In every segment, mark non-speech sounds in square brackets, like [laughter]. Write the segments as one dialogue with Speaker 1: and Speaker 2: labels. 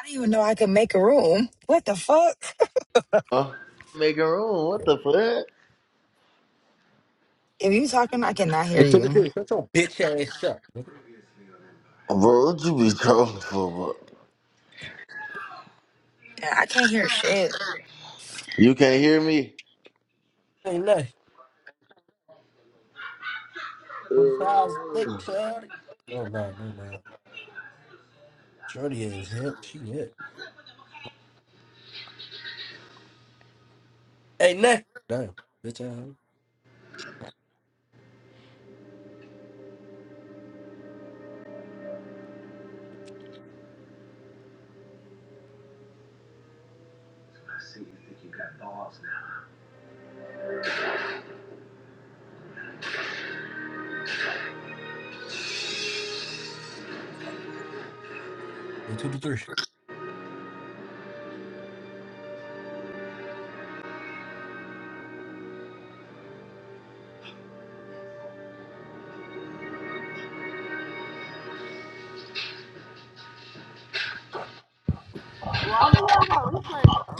Speaker 1: I didn't even know I could make a room. What the fuck?
Speaker 2: Huh? Make a room. What the fuck?
Speaker 1: If you talking, I cannot hear
Speaker 3: Hey, took
Speaker 1: you.
Speaker 3: it Shut your bitch ass up. nigga.
Speaker 2: Bro, what you be talking for, bro?
Speaker 1: Yeah, I can't hear shit.
Speaker 2: You can't hear me?
Speaker 3: Hey, left. From size thick, shorty. Oh, no, never mind. Shorty is hip. She hip. Ain't nothing. Damn. Bitch ass. Hey, two to three.
Speaker 4: Why do y'all got replays on?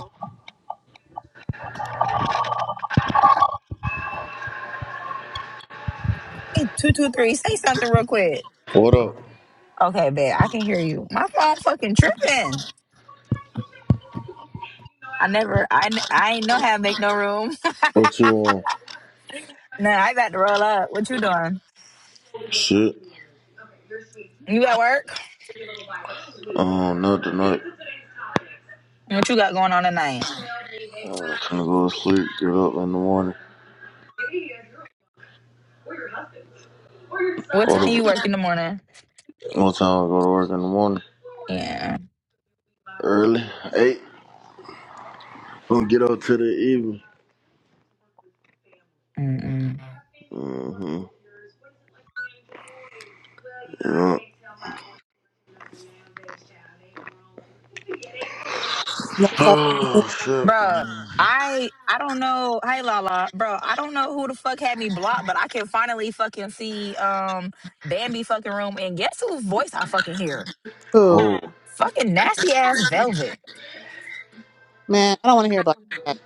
Speaker 1: Hey, two two three, say something real quick.
Speaker 2: What up?
Speaker 1: Okay, babe, I can hear you. My phone fucking tripping. I never, I I ain't know how to make no room.
Speaker 2: What you want?
Speaker 1: [laughs] nah, I got to roll up. What you doing?
Speaker 2: Shit.
Speaker 1: You at work?
Speaker 2: Oh, not tonight.
Speaker 1: What you got going on tonight?
Speaker 2: I'm gonna go to sleep, get up in the morning.
Speaker 1: What
Speaker 2: What,
Speaker 1: time you work
Speaker 2: the,
Speaker 1: in the morning?
Speaker 2: what time I go to work in the morning?
Speaker 1: Yeah.
Speaker 2: Early? 8? I'm gonna get up to the evening.
Speaker 1: Mm-mm.
Speaker 2: hmm Yeah. [sighs]
Speaker 5: No side in the new
Speaker 2: Oh,
Speaker 5: room.
Speaker 2: shit.
Speaker 1: Bruh,
Speaker 2: man.
Speaker 1: I I don't know. Hey Lala, bro, I don't know who the fuck had me blocked, but I can finally fucking see um Bambi fucking room and guess whose voice I fucking hear?
Speaker 5: Who?
Speaker 2: Oh.
Speaker 1: Fucking nasty ass Velvet.
Speaker 5: Man, I don't want to hear about that.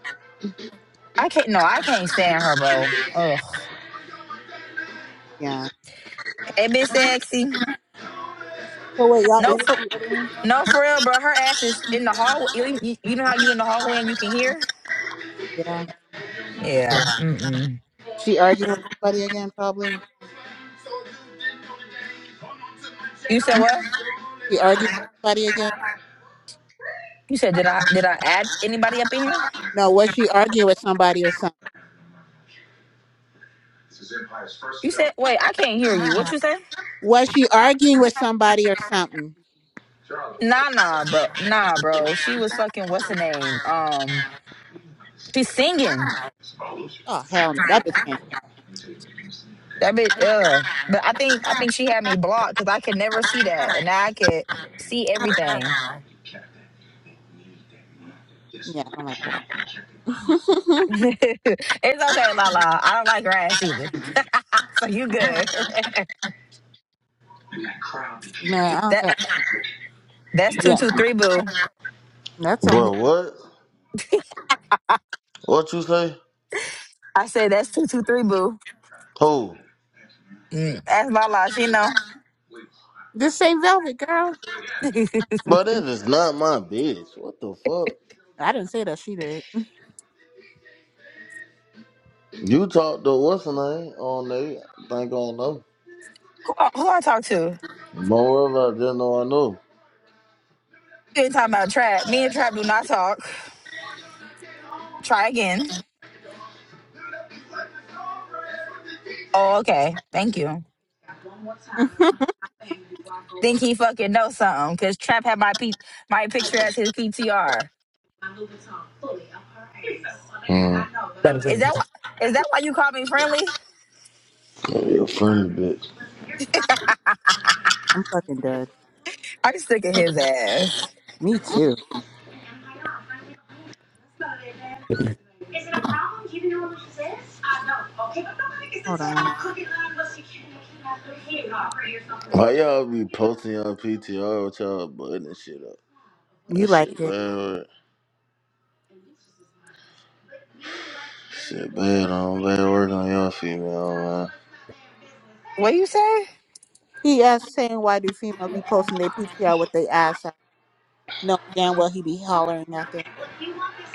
Speaker 1: I can't no, I can't stand her, bro. Ugh.
Speaker 5: Yeah.
Speaker 1: It bit sexy.
Speaker 5: So wait, y'all
Speaker 1: No
Speaker 5: ended
Speaker 1: for
Speaker 5: the other one?
Speaker 1: no for real, bro. Her ass is in the hallway. You, you you know how you in the hallway and you can hear?
Speaker 5: Yeah.
Speaker 1: Yeah. Mm-mm.
Speaker 5: She arguing with somebody again, probably.
Speaker 1: You said what?
Speaker 5: She argued with somebody again.
Speaker 1: You said did I did I add anybody up in here?
Speaker 5: No, was she arguing with somebody or something?
Speaker 1: You said wait, I can't hear you. What you say?
Speaker 5: Was she arguing with somebody or something?
Speaker 1: Nah, nah, bro. Nah, bro. She was fucking what's her name? Um, she's singing.
Speaker 5: Oh hell no, that bitch can't sing.
Speaker 1: That bitch. Uh, but I think I think she had me blocked because I could never see that, and now I could see everything.
Speaker 5: Yeah, I don't like that.
Speaker 1: [laughs]
Speaker 5: [laughs]
Speaker 1: it's okay, Lala. I don't like her ass either. [laughs] so you good?
Speaker 5: Man, I
Speaker 1: [laughs]
Speaker 5: don't
Speaker 1: that
Speaker 5: care.
Speaker 1: that's two
Speaker 5: Yeah,
Speaker 1: two three boo.
Speaker 5: that's on
Speaker 2: Bro,
Speaker 5: him.
Speaker 2: what? What you say?
Speaker 1: I said that's two two three boo.
Speaker 2: Who?
Speaker 1: Mm, that's Lala. She know
Speaker 5: This same Velvet girl.
Speaker 1: [laughs] who
Speaker 2: But it is not my bitch. What the fuck?
Speaker 5: I didn't say that. She did.
Speaker 2: You talk to what's her name on there? I think I don't know.
Speaker 1: I, who I talk to.
Speaker 2: Moreover, I just know I know.
Speaker 1: You ain't talking about Trap. Me and Trap do not talk. Try again. Oh, okay. Thank you.
Speaker 5: [laughs] I'm
Speaker 1: think he fucking know something because Trap had my P- my picture as his PTR.
Speaker 2: Hmm.
Speaker 3: That
Speaker 1: Is that
Speaker 3: is
Speaker 1: why? Is that why you call me friendly?
Speaker 2: Yeah, Your friend, bitch.
Speaker 5: fucking dead.
Speaker 1: I'm sick of his ass.
Speaker 5: Me too.
Speaker 3: it.
Speaker 5: Hold on.
Speaker 2: Why y'all be posting y'all PTR with y'all button and shit up? That
Speaker 5: You like
Speaker 2: shit
Speaker 5: it?
Speaker 2: bad. Shit, bad on bad work on your female,
Speaker 1: What you say?
Speaker 5: He asked saying why do females be posting their PTR with their ass out? No, damn well he be hollering at them.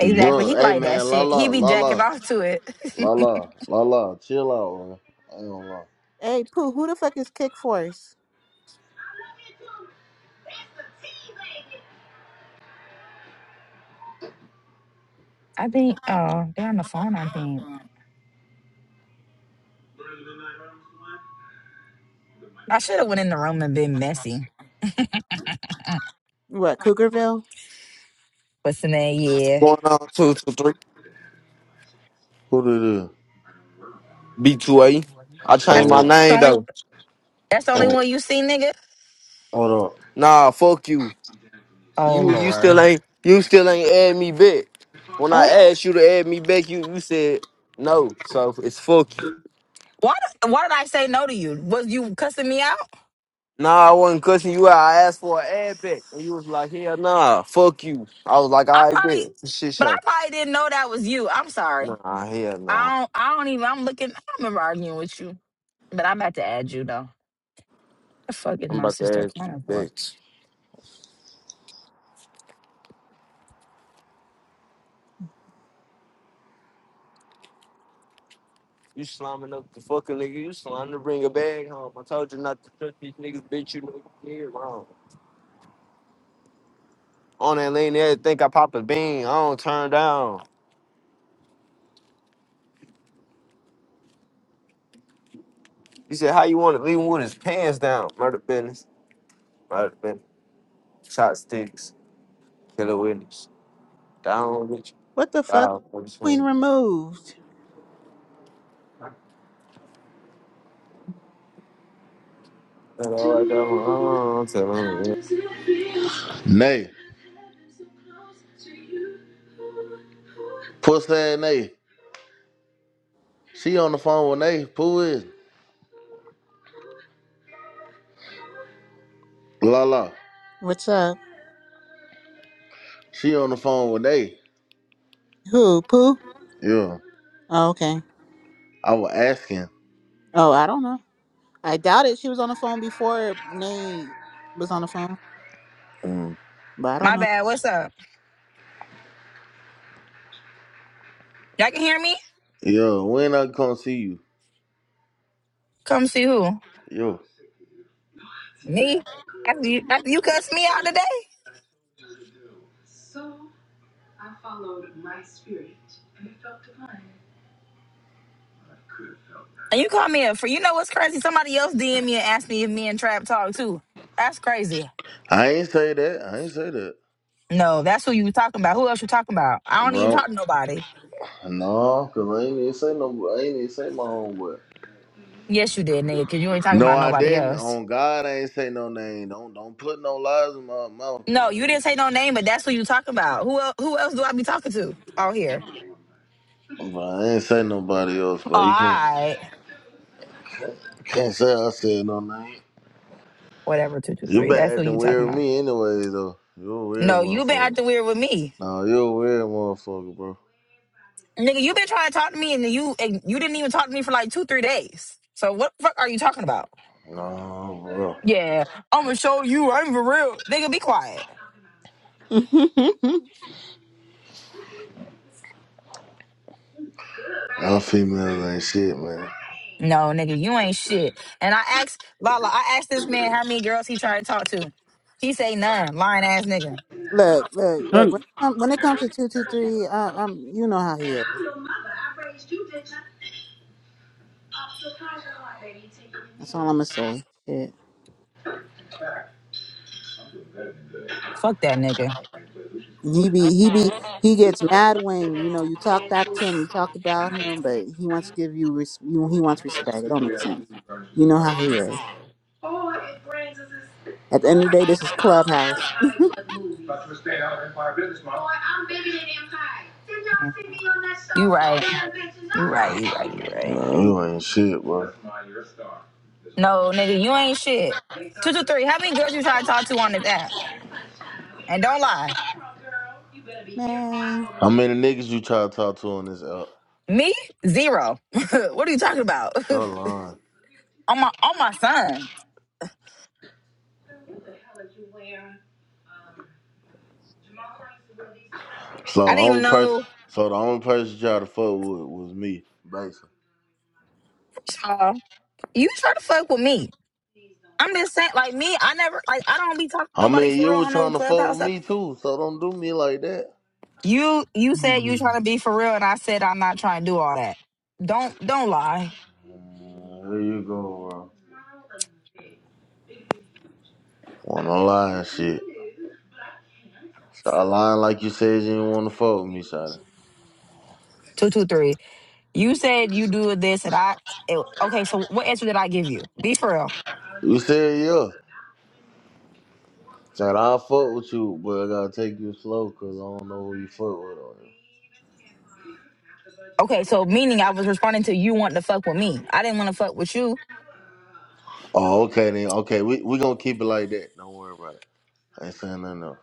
Speaker 2: man. Bro,
Speaker 1: He
Speaker 2: hey
Speaker 1: like that
Speaker 2: man, la
Speaker 1: shit.
Speaker 2: la,
Speaker 1: He be
Speaker 2: la
Speaker 1: jacking
Speaker 2: la,
Speaker 1: off to it. [laughs]
Speaker 2: la la, la la, chill out, man. I ain't gonna lie.
Speaker 5: Hey Pooh, who the fuck is Kick Force?
Speaker 1: I think. Oh, they on the phone. I think I should have went in the room and been messy.
Speaker 5: What, Cougarville?
Speaker 1: What's the name? Yeah.
Speaker 6: Going on two two three
Speaker 2: Who did it?
Speaker 6: B2A. I
Speaker 1: That's
Speaker 6: changed my
Speaker 2: Oh,
Speaker 1: the
Speaker 6: name
Speaker 1: only.
Speaker 6: though.
Speaker 1: That's the only
Speaker 2: oh,
Speaker 1: one you see, nigga.
Speaker 2: hold up.
Speaker 6: Nah, fuck you.
Speaker 1: Oh
Speaker 6: You you still
Speaker 1: lord.
Speaker 6: ain't you still ain't add me back. When I
Speaker 1: Oh,
Speaker 6: asked you to add me back, you you said no. So it's fuck you.
Speaker 1: why? Did, why did I say no to you? Was you cussing me out?
Speaker 6: Nah, I wasn't cussing you out. I asked for an ad back, and you was like, hell nah, fuck you. I was like,
Speaker 1: I
Speaker 6: I bet.
Speaker 1: probably,
Speaker 6: It's a Shit
Speaker 1: but I
Speaker 6: show.
Speaker 1: probably didn't know that was you. I'm sorry.
Speaker 6: Nah, hell nah.
Speaker 1: I don't. I don't even. I'm looking. I don't remember arguing with you, but I'm about to add you though. The fuck is
Speaker 6: I'm
Speaker 1: my
Speaker 6: about to
Speaker 1: sister
Speaker 6: ask you
Speaker 1: calling for?
Speaker 6: back. You slamming up the fucking nigga. You slamming to bring a bag home. I told you not to touch these niggas, bitch. You know you did wrong. on that lane there, think I popped a bean. I don't turn down. He said, How you want to leave him with his pants down? Murder business, murder business, shot sticks, killer witness. Down with you.
Speaker 5: What the fuck?
Speaker 6: Down with
Speaker 5: Queen
Speaker 6: you.
Speaker 5: removed.
Speaker 6: That all right, that one, Oh, I'm telling you.
Speaker 2: Nay, pussy ass Nay. She on the phone with Nay. Who is? it? La la.
Speaker 5: What's up?
Speaker 2: She on the phone with Nay.
Speaker 5: Who? Pooh?
Speaker 2: Yeah,
Speaker 5: Oh, okay.
Speaker 2: I was asking.
Speaker 5: Oh, I don't know. I doubt it. She was on the phone before Nate was on the phone.
Speaker 2: Mm.
Speaker 5: But I don't
Speaker 1: My
Speaker 5: know.
Speaker 1: bad. What's up? Y'all can hear me?
Speaker 2: Yo, when I come see you?
Speaker 1: Come see who?
Speaker 2: Yo,
Speaker 1: Me? After you, after you cuss me out today, and you call me a for you know what's crazy? Somebody else DM me and asked me if me and Trap talk too. That's crazy.
Speaker 2: I ain't say that. I ain't say that,
Speaker 1: No, that's who you were talking about. Who else you talking about? I don't even
Speaker 2: bro.
Speaker 1: talk to nobody.
Speaker 2: No, cause I ain't even say no. I ain't even say my homeboy.
Speaker 1: Yes, you did, nigga, because you ain't talking
Speaker 2: No,
Speaker 1: about
Speaker 2: I
Speaker 1: nobody
Speaker 2: didn't.
Speaker 1: else.
Speaker 2: On God, I ain't say no name. Don't don't put no lies in my mouth, cause
Speaker 1: No, you
Speaker 2: I ain't.
Speaker 1: didn't say
Speaker 2: Say,
Speaker 1: no name, but that's who you talking about. Who el- who else do I be talking to on here?
Speaker 2: but I ain't say nobody else.
Speaker 1: All
Speaker 2: But you can't
Speaker 1: right,
Speaker 2: can't say I said no name.
Speaker 1: whatever. Two two
Speaker 2: You
Speaker 1: three.
Speaker 2: been
Speaker 1: That's who
Speaker 2: acting
Speaker 1: you talking
Speaker 2: weird with
Speaker 1: about.
Speaker 2: me anyway, though. You a weird
Speaker 1: No, you been
Speaker 2: motherfucker.
Speaker 1: acting weird with me,
Speaker 2: No, you a weird motherfucker, bro.
Speaker 1: nigga. You been trying to talk to me, and then you and you didn't even talk to me for like two three days. So what the fuck are you talking about?
Speaker 2: No, bro.
Speaker 1: Yeah, I'm gonna show you. I'm for real, nigga. Be quiet.
Speaker 5: [laughs]
Speaker 2: Y'all females ain't shit, man.
Speaker 1: No, nigga, you ain't shit. And I asked Lala, I asked this man how many girls he tried to talk to. He say none. Lying ass nigga.
Speaker 5: look, look, look.
Speaker 7: Hun-
Speaker 5: When it, come, when it comes to two two three, uh, um, you know how he is. That's all I'm gonna say. Shit.
Speaker 1: Fuck that nigga.
Speaker 5: He be he be he gets mad when you know you talk back to him, you talk about him, but he wants to give you res- you he wants respect. It don't make sense. You know how he is. At the end of the day, this is Clubhouse. [laughs]
Speaker 1: Mm-hmm. You right. You right. You right. You right.
Speaker 2: No,
Speaker 5: Yeah.
Speaker 2: you ain't shit, bro.
Speaker 1: No, nigga, you ain't shit. Two, two, three. How many girls you try to talk to on this app? And don't lie.
Speaker 5: Man,
Speaker 2: How many niggas you try to talk to on this app?
Speaker 1: Me? Zero. [laughs] what are you talking about?
Speaker 2: Y'all
Speaker 1: [laughs]
Speaker 2: lying.
Speaker 1: on my on my son.
Speaker 2: So
Speaker 1: I
Speaker 2: the
Speaker 1: didn't even
Speaker 2: only person,
Speaker 1: know
Speaker 2: so the only person you try to fuck with was me, basically.
Speaker 1: y'all. You try to fuck with me. I'm just saying, like me, I never like I don't be talking to
Speaker 2: I
Speaker 1: nobody
Speaker 2: mean,
Speaker 1: for
Speaker 2: you
Speaker 1: real
Speaker 2: was
Speaker 1: on no
Speaker 2: trying to fuck with
Speaker 1: clubhouse. app.
Speaker 2: me too, so don't do me like that.
Speaker 1: You you said you trying to be for real and I said I'm not trying to do all that. Don't don't lie.
Speaker 2: Man, here you go, bro. Want to lie and shit. Start lying like you said you didn't want to fuck with me, Shotty.
Speaker 1: Two two three. You said you do this and I it, okay, so what answer did I give you? Be for real.
Speaker 2: You said yeah. Said I'll fuck with you, but I gotta take you slow, cause I don't know who you fuck with on
Speaker 1: Okay,
Speaker 2: here.
Speaker 1: so meaning I was responding to you wanting to fuck with me. I didn't want to fuck with you.
Speaker 2: Oh, okay then. Okay, we we gonna keep it like that. Don't worry about it. I ain't saying nothing else.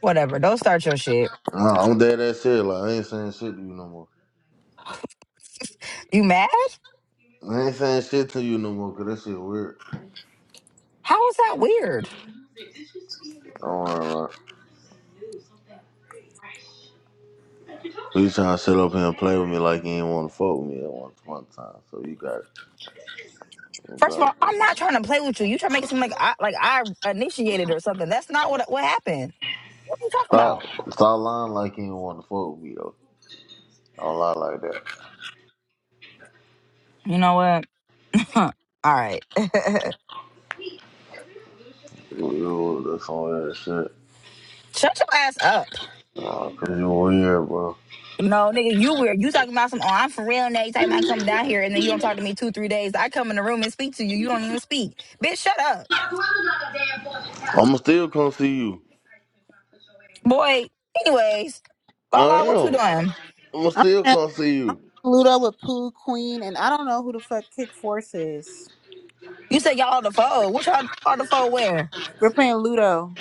Speaker 1: Whatever. Don't start your shit.
Speaker 2: Nah, I'm dead that serious. Like I ain't saying shit to you no more.
Speaker 1: You mad?
Speaker 2: I ain't saying shit to you no more, 'cause that shit weird.
Speaker 1: How is that weird?
Speaker 2: Don't worry about it. You trying to sit up here and play with me like you ain't want to fuck with me at one, one time. So you got you
Speaker 1: First
Speaker 2: got
Speaker 1: of
Speaker 2: it.
Speaker 1: all,
Speaker 2: bro.
Speaker 1: I'm not trying to play with you. You try to make it seem like I like I initiated or something. That's not what what happened. What are you talking
Speaker 2: Stop
Speaker 1: about?
Speaker 2: stop lying like you ain't want to fuck with me though. Don't lie like that.
Speaker 1: You know what? [clears throat] all right. [laughs]
Speaker 2: You, you, that's all that shit.
Speaker 1: Shut your ass up.
Speaker 2: Nah, cause you over here, bro.
Speaker 1: No, nigga, you weird. You talking about some, oh, I'm for real now. You talking about come down here and then you don't talk to me two, three days. I come in the room and speak to you. You don't even speak. Bitch, shut up.
Speaker 2: I'ma still come see you.
Speaker 1: Boy, anyways,
Speaker 2: I
Speaker 1: Lala, what you
Speaker 2: am.
Speaker 1: doing?
Speaker 2: I'ma
Speaker 5: I'm
Speaker 2: still
Speaker 5: playing
Speaker 2: come see you.
Speaker 5: Ludo with Pooh Queen, and I don't know who the fuck Kick Force is.
Speaker 1: You said y'all on the phone. What y'all on the phone where?
Speaker 5: We're playing Ludo.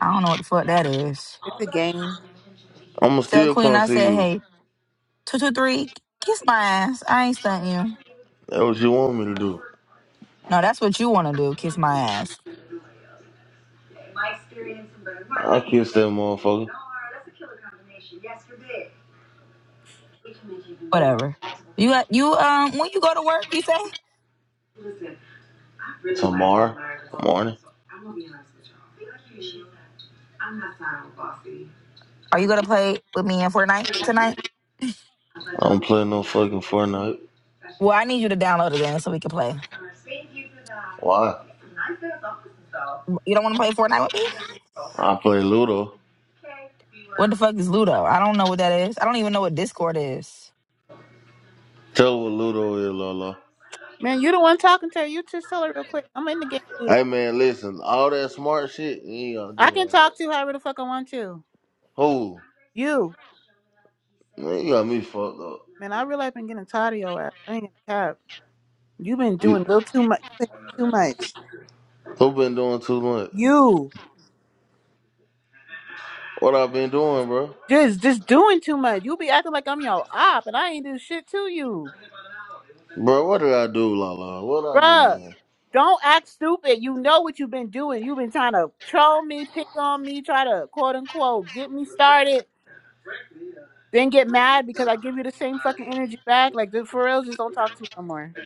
Speaker 1: I don't know what the fuck that is.
Speaker 5: It's a game.
Speaker 2: I'ma
Speaker 1: Tell
Speaker 2: still
Speaker 1: Queen
Speaker 2: come
Speaker 1: I
Speaker 2: see
Speaker 1: said,
Speaker 2: you.
Speaker 1: hey, 223, kiss my ass. I ain't stunting you.
Speaker 2: That's what you want me to do.
Speaker 1: No, that's what you want to do, kiss my ass.
Speaker 2: I kissed that motherfucker.
Speaker 1: Whatever. You at- you um when you go to work, you say?
Speaker 2: Tomorrow morning.
Speaker 1: Are you gonna play with me in Fortnite tonight?
Speaker 2: I don't play no fucking Fortnite.
Speaker 1: Well, I need you to download the game so we can play.
Speaker 2: Why?
Speaker 1: You don't want to play Fortnite with me?
Speaker 2: I play Ludo.
Speaker 1: What the fuck is Ludo? I don't know what that is. I don't even know what Discord is.
Speaker 2: Tell her what Ludo is, Lola.
Speaker 5: Man, you the one talking to her. You just tell her real quick. I'm in the game Ludo.
Speaker 2: Hey man, listen, all that smart shit, you ain't gotta
Speaker 5: I
Speaker 2: do
Speaker 5: can
Speaker 2: it.
Speaker 5: talk to you however the fuck I want to.
Speaker 2: Who?
Speaker 5: You.
Speaker 2: Man, you got me fucked up.
Speaker 5: Man, I really been getting tired of your ass. I ain't gonna cap. You've been
Speaker 2: You,
Speaker 5: doing a little too much. you been doing too much.
Speaker 2: who been doing too much?
Speaker 5: You
Speaker 2: What I been doing, bro?
Speaker 5: just just doing too much. You be acting like I'm your op, and I ain't do shit to you,
Speaker 2: Bro, what did I do, Lala? What I do?
Speaker 5: bruh. Don't act stupid. You know what you've been doing. You've been trying to troll me, pick on me, try to quote unquote get me started, then get mad because I give you the same fucking energy back. Like the for real, just don't talk to me no more.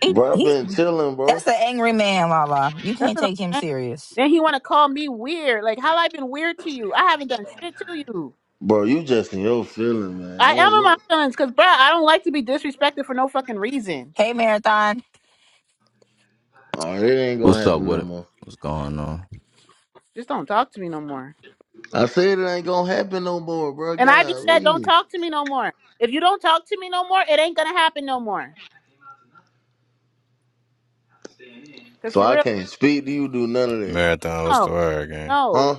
Speaker 1: He
Speaker 2: Bro, I
Speaker 1: he
Speaker 2: been chilling, bro.
Speaker 1: that's an angry man, Lala. You
Speaker 5: That's
Speaker 1: can't
Speaker 5: what I'm
Speaker 1: take him
Speaker 5: saying.
Speaker 1: serious.
Speaker 5: Then he want to call me weird. Like how I been weird to you? I haven't done shit to you.
Speaker 2: Bro, you just in your feeling, man. I
Speaker 5: I am
Speaker 2: don't-
Speaker 5: in my feelings because, bruh, I don't like to be disrespected for no fucking reason.
Speaker 1: Hey Marathon.
Speaker 2: All right, it ain't gonna
Speaker 8: What's up
Speaker 2: happen
Speaker 8: with
Speaker 2: no
Speaker 8: it?
Speaker 2: more.
Speaker 8: What's going on?
Speaker 5: Just don't talk to me no more.
Speaker 2: I said it ain't gonna happen no more, bro.
Speaker 5: And I
Speaker 2: God,
Speaker 5: just said, don't
Speaker 2: leave.
Speaker 5: talk to me no more. If you don't talk to me no more, it ain't gonna happen no more. Cause
Speaker 2: So
Speaker 5: for
Speaker 2: I
Speaker 5: real,
Speaker 2: can't speak to you, do none of that,
Speaker 9: Marathon was the
Speaker 5: no,
Speaker 9: word, gang.
Speaker 5: no.
Speaker 2: huh?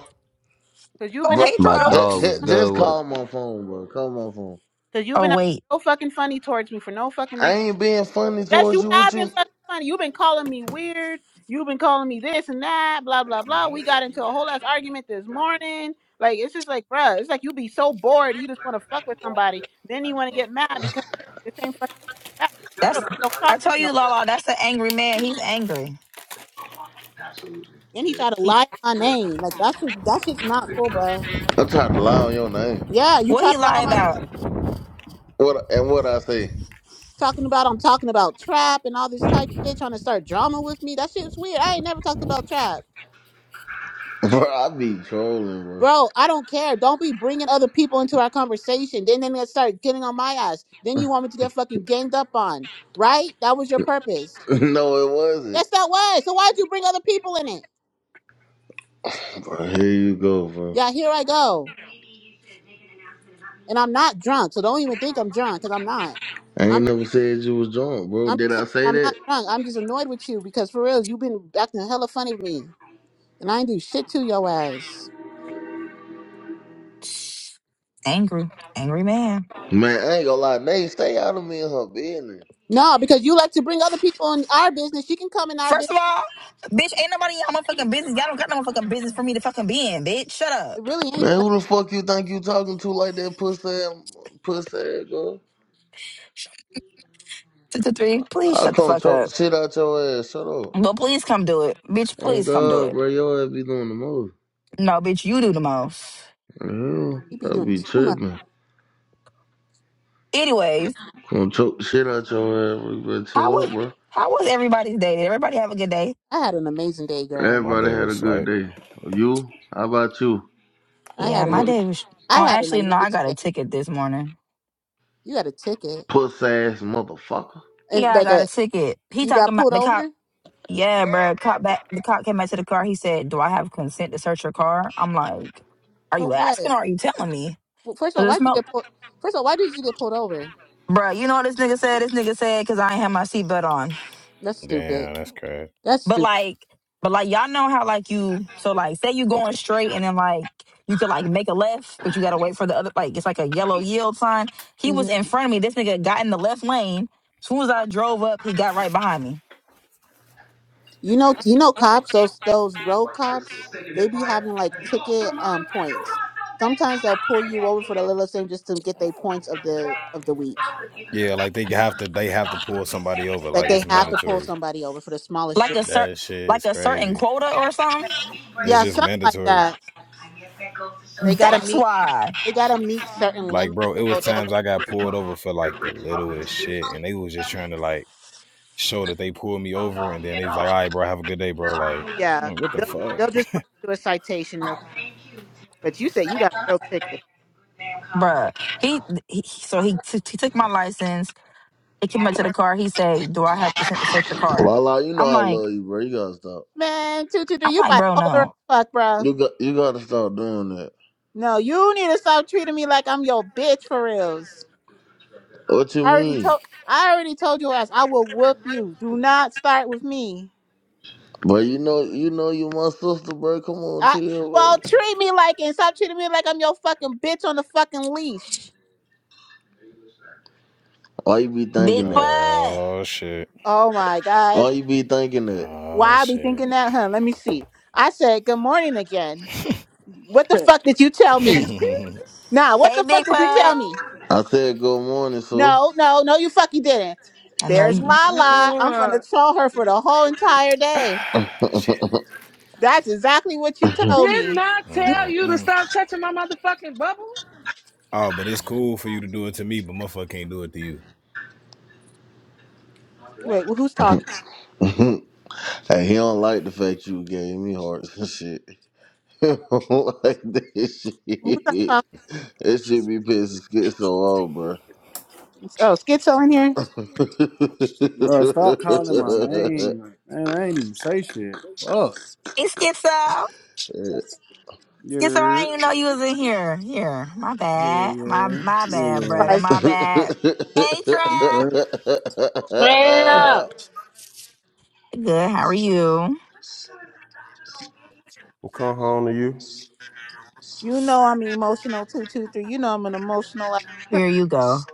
Speaker 5: Cause you've
Speaker 1: Oh,
Speaker 5: been
Speaker 2: Bro,
Speaker 5: acting
Speaker 1: hey
Speaker 8: My
Speaker 5: real,
Speaker 2: just,
Speaker 8: dog
Speaker 1: drugs.
Speaker 8: was
Speaker 2: just,
Speaker 8: good
Speaker 2: just
Speaker 8: with it.
Speaker 2: call my phone, bro. Call my phone.
Speaker 5: cause you've
Speaker 1: Oh
Speaker 5: been acting
Speaker 1: wait,
Speaker 5: real fucking funny towards me for no fucking
Speaker 2: I
Speaker 5: reason.
Speaker 2: ain't being funny
Speaker 5: Yes,
Speaker 2: towards
Speaker 5: you
Speaker 2: you. What you?
Speaker 5: have been fucking funny. You've been calling me weird. You've been calling me this and that, blah blah blah. We got into
Speaker 9: Classic.
Speaker 5: a whole ass argument this morning. Like it's just like, bruh, it's like you be so bored, you just want to fuck with somebody, then you want to get mad because the same fucking. back. For
Speaker 1: that's
Speaker 5: real, Don't talk
Speaker 1: I
Speaker 5: to
Speaker 1: told
Speaker 5: me no
Speaker 1: you, Lala. That's an angry man. He's angry.
Speaker 5: Then he tried to
Speaker 1: He
Speaker 5: lie on my name. Like that's just that's just not cool, bro.
Speaker 2: I am trying to lie on your name.
Speaker 5: Yeah, you
Speaker 1: what
Speaker 5: try
Speaker 1: he
Speaker 5: to lie
Speaker 1: lie
Speaker 5: on my name,
Speaker 1: about?
Speaker 2: What and what I say,
Speaker 5: talking about I'm talking about trap and all this type shit, trying to start drama with me. That shit's weird. I ain't never talked about trap,
Speaker 2: [laughs] bro? I be trolling, bro.
Speaker 5: bro. I don't care. Don't be bringing other people into our conversation. Then then they start getting on my ass. Then you want me to get fucking ganged up on, right? That was your purpose.
Speaker 2: [laughs] No, it wasn't.
Speaker 5: Yes, that was. So why'd you bring other people in it?
Speaker 2: Bro, here you go, bro.
Speaker 5: Yeah, here I go, and I'm not drunk, so don't even think I'm drunk because I'm not.
Speaker 2: I ain't never said you was drunk, bro.
Speaker 5: I'm
Speaker 2: Did
Speaker 5: just
Speaker 2: I
Speaker 5: saying,
Speaker 2: say
Speaker 5: I'm
Speaker 2: that?
Speaker 5: not drunk. I'm just annoyed with you because for real, you've been acting hella funny with me, and I ain't do shit to your ass.
Speaker 1: Angry, angry man.
Speaker 2: Man, I ain't gonna lie. Nate, stay out of me and her business.
Speaker 5: No, because you like to bring other people in our business. You can come in our
Speaker 1: First
Speaker 5: business.
Speaker 1: of all, bitch, ain't nobody in y'all motherfucking business. Y'all don't got no motherfucking business for me to fucking be in, bitch. Shut
Speaker 5: It
Speaker 1: up.
Speaker 5: really ain't
Speaker 2: Man,
Speaker 5: nothing.
Speaker 2: who the fuck you think you talking to like that pussy, ass- pussy ass girl?
Speaker 1: Two two three. Please
Speaker 2: I'll
Speaker 1: shut the
Speaker 2: come
Speaker 1: fuck
Speaker 2: choke the
Speaker 1: up.
Speaker 2: shit out your ass. Shut up.
Speaker 1: But please come do it, bitch.
Speaker 2: Oh
Speaker 1: Please come do
Speaker 2: God,
Speaker 1: it.
Speaker 2: bro, your ass be doing the most.
Speaker 1: No, bitch, you do the most.
Speaker 5: You
Speaker 2: Yeah,
Speaker 5: be
Speaker 2: I
Speaker 5: doing
Speaker 2: be
Speaker 5: too much.
Speaker 2: tripping.
Speaker 1: Anyways,
Speaker 2: Come choke the shit out your ass, bro. You better
Speaker 1: how
Speaker 2: chill up,
Speaker 1: was
Speaker 2: bro.
Speaker 1: how was everybody's day? Did everybody have a good day?
Speaker 5: I had an amazing day, girl.
Speaker 9: My
Speaker 2: Everybody
Speaker 9: day
Speaker 2: had a
Speaker 9: was
Speaker 2: good
Speaker 9: like,
Speaker 2: day. You? How about you?
Speaker 5: I
Speaker 1: Yeah,
Speaker 5: had an
Speaker 1: my
Speaker 2: What?
Speaker 5: ama-
Speaker 1: day was.
Speaker 5: I
Speaker 1: No,
Speaker 5: had an
Speaker 1: actually, no. I
Speaker 5: amazing
Speaker 1: got a
Speaker 5: day.
Speaker 1: ticket this morning.
Speaker 5: You got a ticket,
Speaker 2: Puss ass motherfucker.
Speaker 5: and
Speaker 1: Yeah, I
Speaker 5: like
Speaker 1: got
Speaker 5: a
Speaker 1: a ticket. He
Speaker 5: you
Speaker 1: talking
Speaker 5: got
Speaker 1: about
Speaker 5: pulled
Speaker 1: the cop.
Speaker 5: over
Speaker 1: Yeah, bruh. Cop back. The cop came back to the car. He said, "Do I have consent to search your car?" I'm like, "Are
Speaker 5: for
Speaker 1: you
Speaker 5: what?
Speaker 1: asking or are you telling me?"
Speaker 5: Well, first of
Speaker 1: Cause
Speaker 5: all, why
Speaker 1: it
Speaker 5: did you
Speaker 1: smelled,
Speaker 5: get pulled? First of all, why did you get pulled over?
Speaker 1: bruh. You know what this nigga said? This nigga said, "Cause I ain't have my seatbelt on."
Speaker 5: That's stupid.
Speaker 9: damn, that's crazy.
Speaker 5: That's
Speaker 1: But
Speaker 5: stupid.
Speaker 1: like, but like, y'all know how like you. So like, say you going straight and then like you could like make a left, but you gotta wait for the other. Like it's like a yellow yield sign. He
Speaker 5: Mm-hmm.
Speaker 1: was in front of me. This nigga got in the left lane. soon as I drove up, he got right behind me.
Speaker 5: You know, you know, cops. Those those road cops, they be having like ticket um points. Sometimes they'll pull you over for the littlest thing just to get their points of the of the week.
Speaker 9: Yeah, like they have to, they have to pull somebody over.
Speaker 5: Like
Speaker 9: Like
Speaker 5: they
Speaker 9: it's
Speaker 5: have to pull
Speaker 9: mandatory.
Speaker 5: somebody over for the smallest
Speaker 1: Like
Speaker 5: shit.
Speaker 1: a cer-
Speaker 9: That shit
Speaker 1: like
Speaker 9: is
Speaker 1: a certain
Speaker 9: crazy.
Speaker 1: quota or something.
Speaker 9: It's
Speaker 5: Yeah,
Speaker 9: just
Speaker 5: something like
Speaker 9: mandatory.
Speaker 5: that. They gotta
Speaker 1: That's
Speaker 5: meet.
Speaker 1: why.
Speaker 5: They gotta meet certain
Speaker 9: Like,
Speaker 5: limits.
Speaker 9: bro, it was
Speaker 5: So they'll
Speaker 9: times I got pulled over for like the littlest shit, and they was just trying to like show that they pulled me over, and then they was like, "All right, bro, have a good day, bro." Like,
Speaker 5: yeah,
Speaker 9: I'm like, what the
Speaker 5: they'll
Speaker 9: fuck?
Speaker 5: they'll just write you a citation real quick. But you say you got a real ticket,
Speaker 1: bruh. He, he so he t- he took my license. It came up to the car. He say, "Do I have consent to search your car?"
Speaker 2: Lala, you know
Speaker 1: I'm
Speaker 2: I
Speaker 1: like,
Speaker 2: love you, bro. You gotta stop.
Speaker 5: man. Two two two.
Speaker 1: I'm
Speaker 5: You
Speaker 1: like, bro,
Speaker 5: bipolar as
Speaker 1: no.
Speaker 5: fuck, bro.
Speaker 2: You got you gotta stop doing that.
Speaker 5: No, you need to stop treating me like I'm your bitch for reals.
Speaker 2: What you
Speaker 5: I already
Speaker 2: mean?
Speaker 5: told I already told your ass I will whoop you. Do not start with me.
Speaker 2: But you know you know you my sister, bro. Come on,
Speaker 5: I
Speaker 2: chill, bro.
Speaker 5: well treat me like and stop treating me like I'm your fucking bitch on the fucking leash.
Speaker 2: Why you be thinking
Speaker 1: Big
Speaker 2: that?
Speaker 1: Putt,
Speaker 9: Oh shit!
Speaker 5: Oh my
Speaker 2: Why
Speaker 5: god.
Speaker 2: you be thinking that?
Speaker 9: Oh
Speaker 5: Why I be
Speaker 9: shit!
Speaker 5: thinking that, huh? Let me see. I said good morning again. What the fuck did you
Speaker 9: [laughs] [sighs]
Speaker 5: tell
Speaker 9: shit!
Speaker 5: me? Nah, what
Speaker 1: hey,
Speaker 5: the fuck
Speaker 1: Big
Speaker 5: did you
Speaker 10: Hey
Speaker 5: tell
Speaker 1: Putt.
Speaker 5: me?
Speaker 2: I said good morning, sir.
Speaker 5: No, no, no, you fucking didn't.
Speaker 1: I know
Speaker 5: There's
Speaker 1: you.
Speaker 5: Lala.
Speaker 10: y'all.
Speaker 5: I'm gonna
Speaker 10: Uh,
Speaker 5: troll her for the whole entire day. That's exactly what you told
Speaker 10: did
Speaker 5: me.
Speaker 10: not
Speaker 5: You
Speaker 10: tell you to
Speaker 9: Mm-mm.
Speaker 10: stop touching my motherfucking bubble.
Speaker 9: Oh, but it's cool for you to do it to me, but motherfucker can't do it to you.
Speaker 5: wait, well, who's talking?
Speaker 2: [laughs] hey, he don't like the fact you gave me hearts and shit. [laughs] He don't like this shit.
Speaker 5: Who's
Speaker 2: [laughs]
Speaker 5: talking?
Speaker 2: It should be pissing schizo off, bro.
Speaker 5: Oh, schizo in here?
Speaker 2: [laughs] you,
Speaker 7: Bro, stop calling my name. Man, I ain't even say shit. Fuck.
Speaker 1: Hey, Schizo. Schizo, I
Speaker 7: Yeah.
Speaker 1: didn't even know you was in here. Here, my
Speaker 7: Yeah,
Speaker 1: bad, my
Speaker 7: yeah,
Speaker 1: my bad,
Speaker 7: yeah.
Speaker 1: brother,
Speaker 5: Surprise.
Speaker 1: my bad. Hey,
Speaker 7: You
Speaker 1: Trap.
Speaker 7: straight?
Speaker 10: Straight up.
Speaker 1: Good. How are you?
Speaker 11: We'll come home to you.
Speaker 5: You know I'm emotional two two three. You know I'm an emotional ass person.
Speaker 1: Here you go.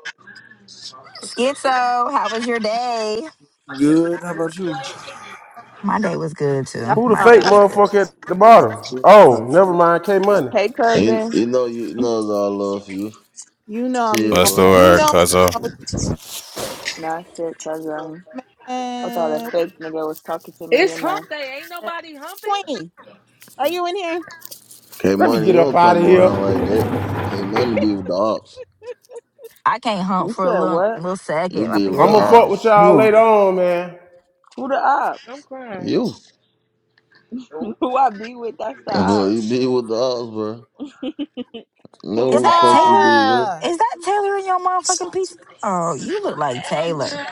Speaker 1: Schizo, how was your day?
Speaker 7: Good. How about you?
Speaker 1: My day was good too.
Speaker 5: That's
Speaker 11: Who the
Speaker 1: My
Speaker 5: my
Speaker 1: day
Speaker 11: fake
Speaker 5: problem.
Speaker 1: was good.
Speaker 11: motherfucker at the
Speaker 7: That's
Speaker 11: bottom?
Speaker 7: it.
Speaker 11: Oh,
Speaker 7: Type
Speaker 11: never
Speaker 7: shit.
Speaker 11: mind. K Money.
Speaker 12: Hey, cousin.
Speaker 2: you know, you know, it's all love for you.
Speaker 5: You know I'm
Speaker 2: Chill,
Speaker 9: What's
Speaker 5: emo-
Speaker 9: the
Speaker 2: bro.
Speaker 5: you
Speaker 9: word,
Speaker 5: know
Speaker 9: cuzzo?
Speaker 5: I'm emotional
Speaker 12: Nah, shit, cousin. I thought a
Speaker 5: man.
Speaker 12: fake nigga was talking to me,
Speaker 10: It's
Speaker 12: you know.
Speaker 10: hump day. Ain't nobody humping.
Speaker 5: Queen, are you in here?
Speaker 2: K
Speaker 11: Let me
Speaker 2: Money, you
Speaker 11: get up
Speaker 2: don't
Speaker 11: out of
Speaker 2: come
Speaker 11: here.
Speaker 2: around like that. K Money be with the ops.
Speaker 1: I can't hump
Speaker 12: You
Speaker 1: for a
Speaker 12: said
Speaker 1: little
Speaker 12: what?
Speaker 1: little
Speaker 2: You
Speaker 1: second. My
Speaker 2: be with the
Speaker 11: I'm
Speaker 1: period
Speaker 11: gonna fuck
Speaker 1: on.
Speaker 11: with
Speaker 2: ops.
Speaker 7: Come
Speaker 11: y'all later
Speaker 7: on.
Speaker 11: on, man.
Speaker 12: Who the
Speaker 10: I'm
Speaker 12: ops?
Speaker 10: crying.
Speaker 2: You.
Speaker 12: [laughs] Who I be with, that's
Speaker 2: [laughs]
Speaker 12: the
Speaker 2: Bro, you
Speaker 12: ops.
Speaker 2: be with the ops, bro.
Speaker 12: [laughs] Who's
Speaker 1: Is
Speaker 2: Know who
Speaker 12: the
Speaker 2: the
Speaker 1: that
Speaker 2: fuck
Speaker 12: ops?
Speaker 2: you
Speaker 1: Taylor?
Speaker 2: be with?
Speaker 5: Bruh.
Speaker 1: Is that Taylor in your motherfucking piece? Oh, you look like Taylor.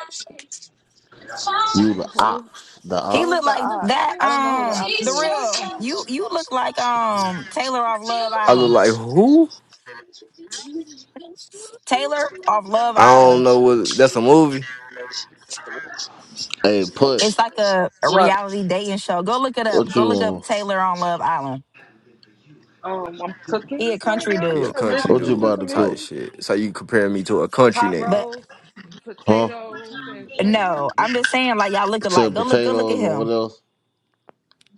Speaker 2: The
Speaker 12: Who is
Speaker 2: ops. The
Speaker 1: He
Speaker 12: who is
Speaker 1: look
Speaker 12: the
Speaker 2: ops.
Speaker 1: like
Speaker 12: ops?
Speaker 1: that.
Speaker 12: I don't know who the
Speaker 1: Um, the
Speaker 12: ops
Speaker 1: real you. You look like um Taylor off Love
Speaker 6: I look
Speaker 1: Island.
Speaker 6: like who?
Speaker 1: Taylor off Love
Speaker 6: I don't
Speaker 1: Island.
Speaker 6: know what that's a movie.
Speaker 2: Hey, put.
Speaker 1: It's like a, a
Speaker 10: What?
Speaker 1: reality dating show. Go look it up.
Speaker 2: What
Speaker 1: Go
Speaker 2: you
Speaker 1: look up
Speaker 2: want?
Speaker 1: Taylor on Love Island.
Speaker 10: Um, I'm cooking
Speaker 1: He a
Speaker 10: right
Speaker 1: country
Speaker 10: now
Speaker 6: Yeah,
Speaker 1: dude,
Speaker 10: and
Speaker 6: country
Speaker 2: What
Speaker 10: listening
Speaker 2: you
Speaker 10: to
Speaker 6: dude
Speaker 2: about
Speaker 10: some
Speaker 2: to
Speaker 6: type
Speaker 2: cook?
Speaker 10: music.
Speaker 6: shit. So you compare me to a country
Speaker 10: Pot
Speaker 6: nigga.
Speaker 1: but
Speaker 10: roast,
Speaker 2: Huh?
Speaker 10: potatoes, and string
Speaker 1: no,
Speaker 10: beans.
Speaker 1: I'm just saying like y'all look
Speaker 2: Said
Speaker 1: alike. Go look. Go look at
Speaker 2: potatoes and what
Speaker 1: him.
Speaker 2: else?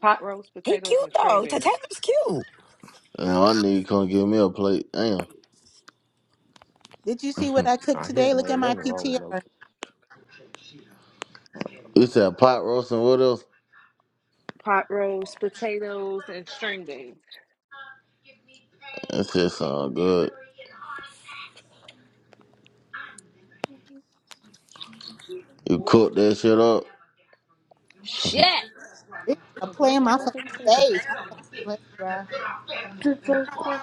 Speaker 10: Pot roast,
Speaker 1: He
Speaker 10: potatoes,
Speaker 1: cute
Speaker 10: and string
Speaker 1: though. Ta-
Speaker 10: beans.
Speaker 1: Taylor's cute.
Speaker 2: Now I need to come give me a plate. Damn.
Speaker 5: Did you see what I cooked
Speaker 6: I hear
Speaker 5: today?
Speaker 6: ain't
Speaker 5: Look at
Speaker 6: nothing
Speaker 5: my
Speaker 6: wrong with no.
Speaker 5: PTR.
Speaker 10: I don't know.
Speaker 2: You said pot roast and what else?
Speaker 10: Pot roast, potatoes, and string beans.
Speaker 2: That shit sound good. You cook that shit up.
Speaker 5: It's
Speaker 10: Yeah,
Speaker 5: gonna play
Speaker 10: burn
Speaker 5: in
Speaker 10: my
Speaker 5: my fucking
Speaker 10: motherfucking finger.
Speaker 5: face. I'm gonna play, bruh.
Speaker 10: to take the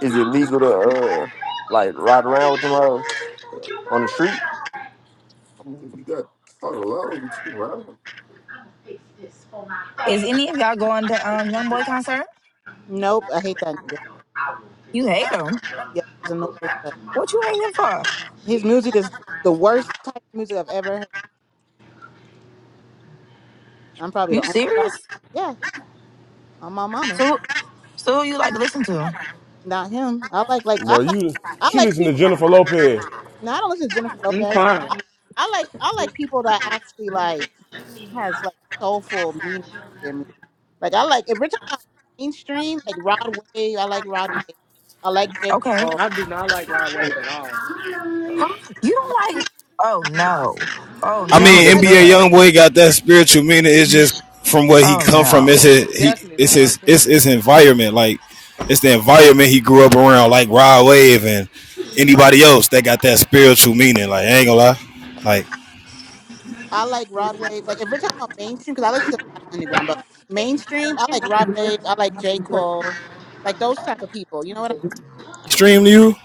Speaker 6: Is it legal to uh like ride around with them uh, on the street? I mean, you got a lot of levels, but you can ride them.
Speaker 1: Is any of y'all going to um Young Boy concert?
Speaker 5: Nope, I hate that nigga.
Speaker 1: You hate him.
Speaker 5: Yeah, he's annoying as fuck.
Speaker 1: What you hate him for?
Speaker 5: His music is the worst type of music I've ever heard. I'm probably the
Speaker 1: You
Speaker 5: only black.
Speaker 1: serious?
Speaker 5: Yeah, am my mama.
Speaker 1: So who- so who you like to listen to?
Speaker 5: Not him. I like like I
Speaker 11: Boy,
Speaker 5: like
Speaker 11: you
Speaker 5: I
Speaker 11: she
Speaker 5: like
Speaker 11: listen to
Speaker 5: people.
Speaker 11: Jennifer Lopez.
Speaker 5: No, I don't listen to Jennifer
Speaker 10: I'm
Speaker 5: Lopez.
Speaker 10: crying.
Speaker 5: I, I like I like people that actually like has like soulful meaning to their music. Like I like if we're talking about mainstream, like Rod Wave. I like Rod Wave. I like J
Speaker 1: Okay. [gasps]
Speaker 5: Cole.
Speaker 10: I do not like Rod
Speaker 11: Oh,
Speaker 10: Wave at all.
Speaker 1: Huh? You don't like Oh no. Oh
Speaker 9: I
Speaker 11: he be
Speaker 1: no,
Speaker 5: I
Speaker 9: mean,
Speaker 5: like,
Speaker 1: Big
Speaker 9: NBA
Speaker 11: depressed.
Speaker 1: Putt.
Speaker 9: YoungBoy got that spiritual meaning. It's just from where he
Speaker 1: Oh
Speaker 9: come
Speaker 10: I
Speaker 9: from. It's
Speaker 1: no.
Speaker 9: his, he,
Speaker 10: definitely
Speaker 9: it's
Speaker 10: don't
Speaker 9: his,
Speaker 10: like
Speaker 9: it's
Speaker 10: him.
Speaker 9: his environment. Like it's the environment he grew up around, like Rod Wave and anybody else that got that spiritual meaning. Like I ain't gonna lie, like
Speaker 5: I like Rod Wave. Like if we're talking about mainstream, because I listen to a lot of underground, but mainstream, I like Rod Wave. I like J Cole. Like those type of people. You know what? I
Speaker 9: stream to you.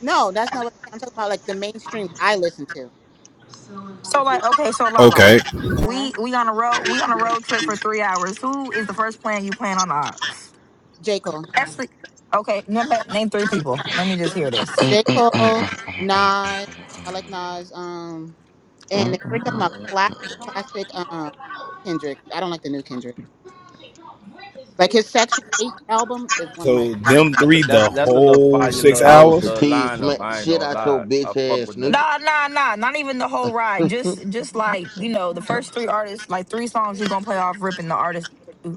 Speaker 5: No, that's not what I'm talking about. Like the mainstreams I listen to.
Speaker 1: So like okay, so Lala.
Speaker 9: Okay.
Speaker 5: Uh huh.
Speaker 1: We we on a road we on a road trip for three hours. Who is the first plan you plan on Ox?
Speaker 5: J Cole.
Speaker 1: Ashley. okay, number name three people. Let me just hear this.
Speaker 5: J. Cole, Nas, I like Nas. Um, and
Speaker 2: Uh,
Speaker 5: if we're talking about classic, classic, um, Kendrick, I don't like the new Kendrick. Like his Section Eight album is one of my.
Speaker 9: So them
Speaker 8: That's a,
Speaker 9: three,
Speaker 8: that's
Speaker 9: the
Speaker 8: that's a little
Speaker 9: whole
Speaker 8: fire
Speaker 9: six
Speaker 2: I
Speaker 8: little,
Speaker 2: was the
Speaker 9: hours.
Speaker 8: little
Speaker 2: tease
Speaker 8: lineup.
Speaker 2: smack
Speaker 8: I ain't
Speaker 2: shit
Speaker 8: gonna
Speaker 2: out your
Speaker 8: lie. I
Speaker 2: bitch
Speaker 8: fuck
Speaker 2: ass
Speaker 8: with that.
Speaker 2: nigga.
Speaker 1: Nah, nah, nah. Not even the whole ride. Just just like, you know, the first three artists, like three songs you gonna play off ripping the artist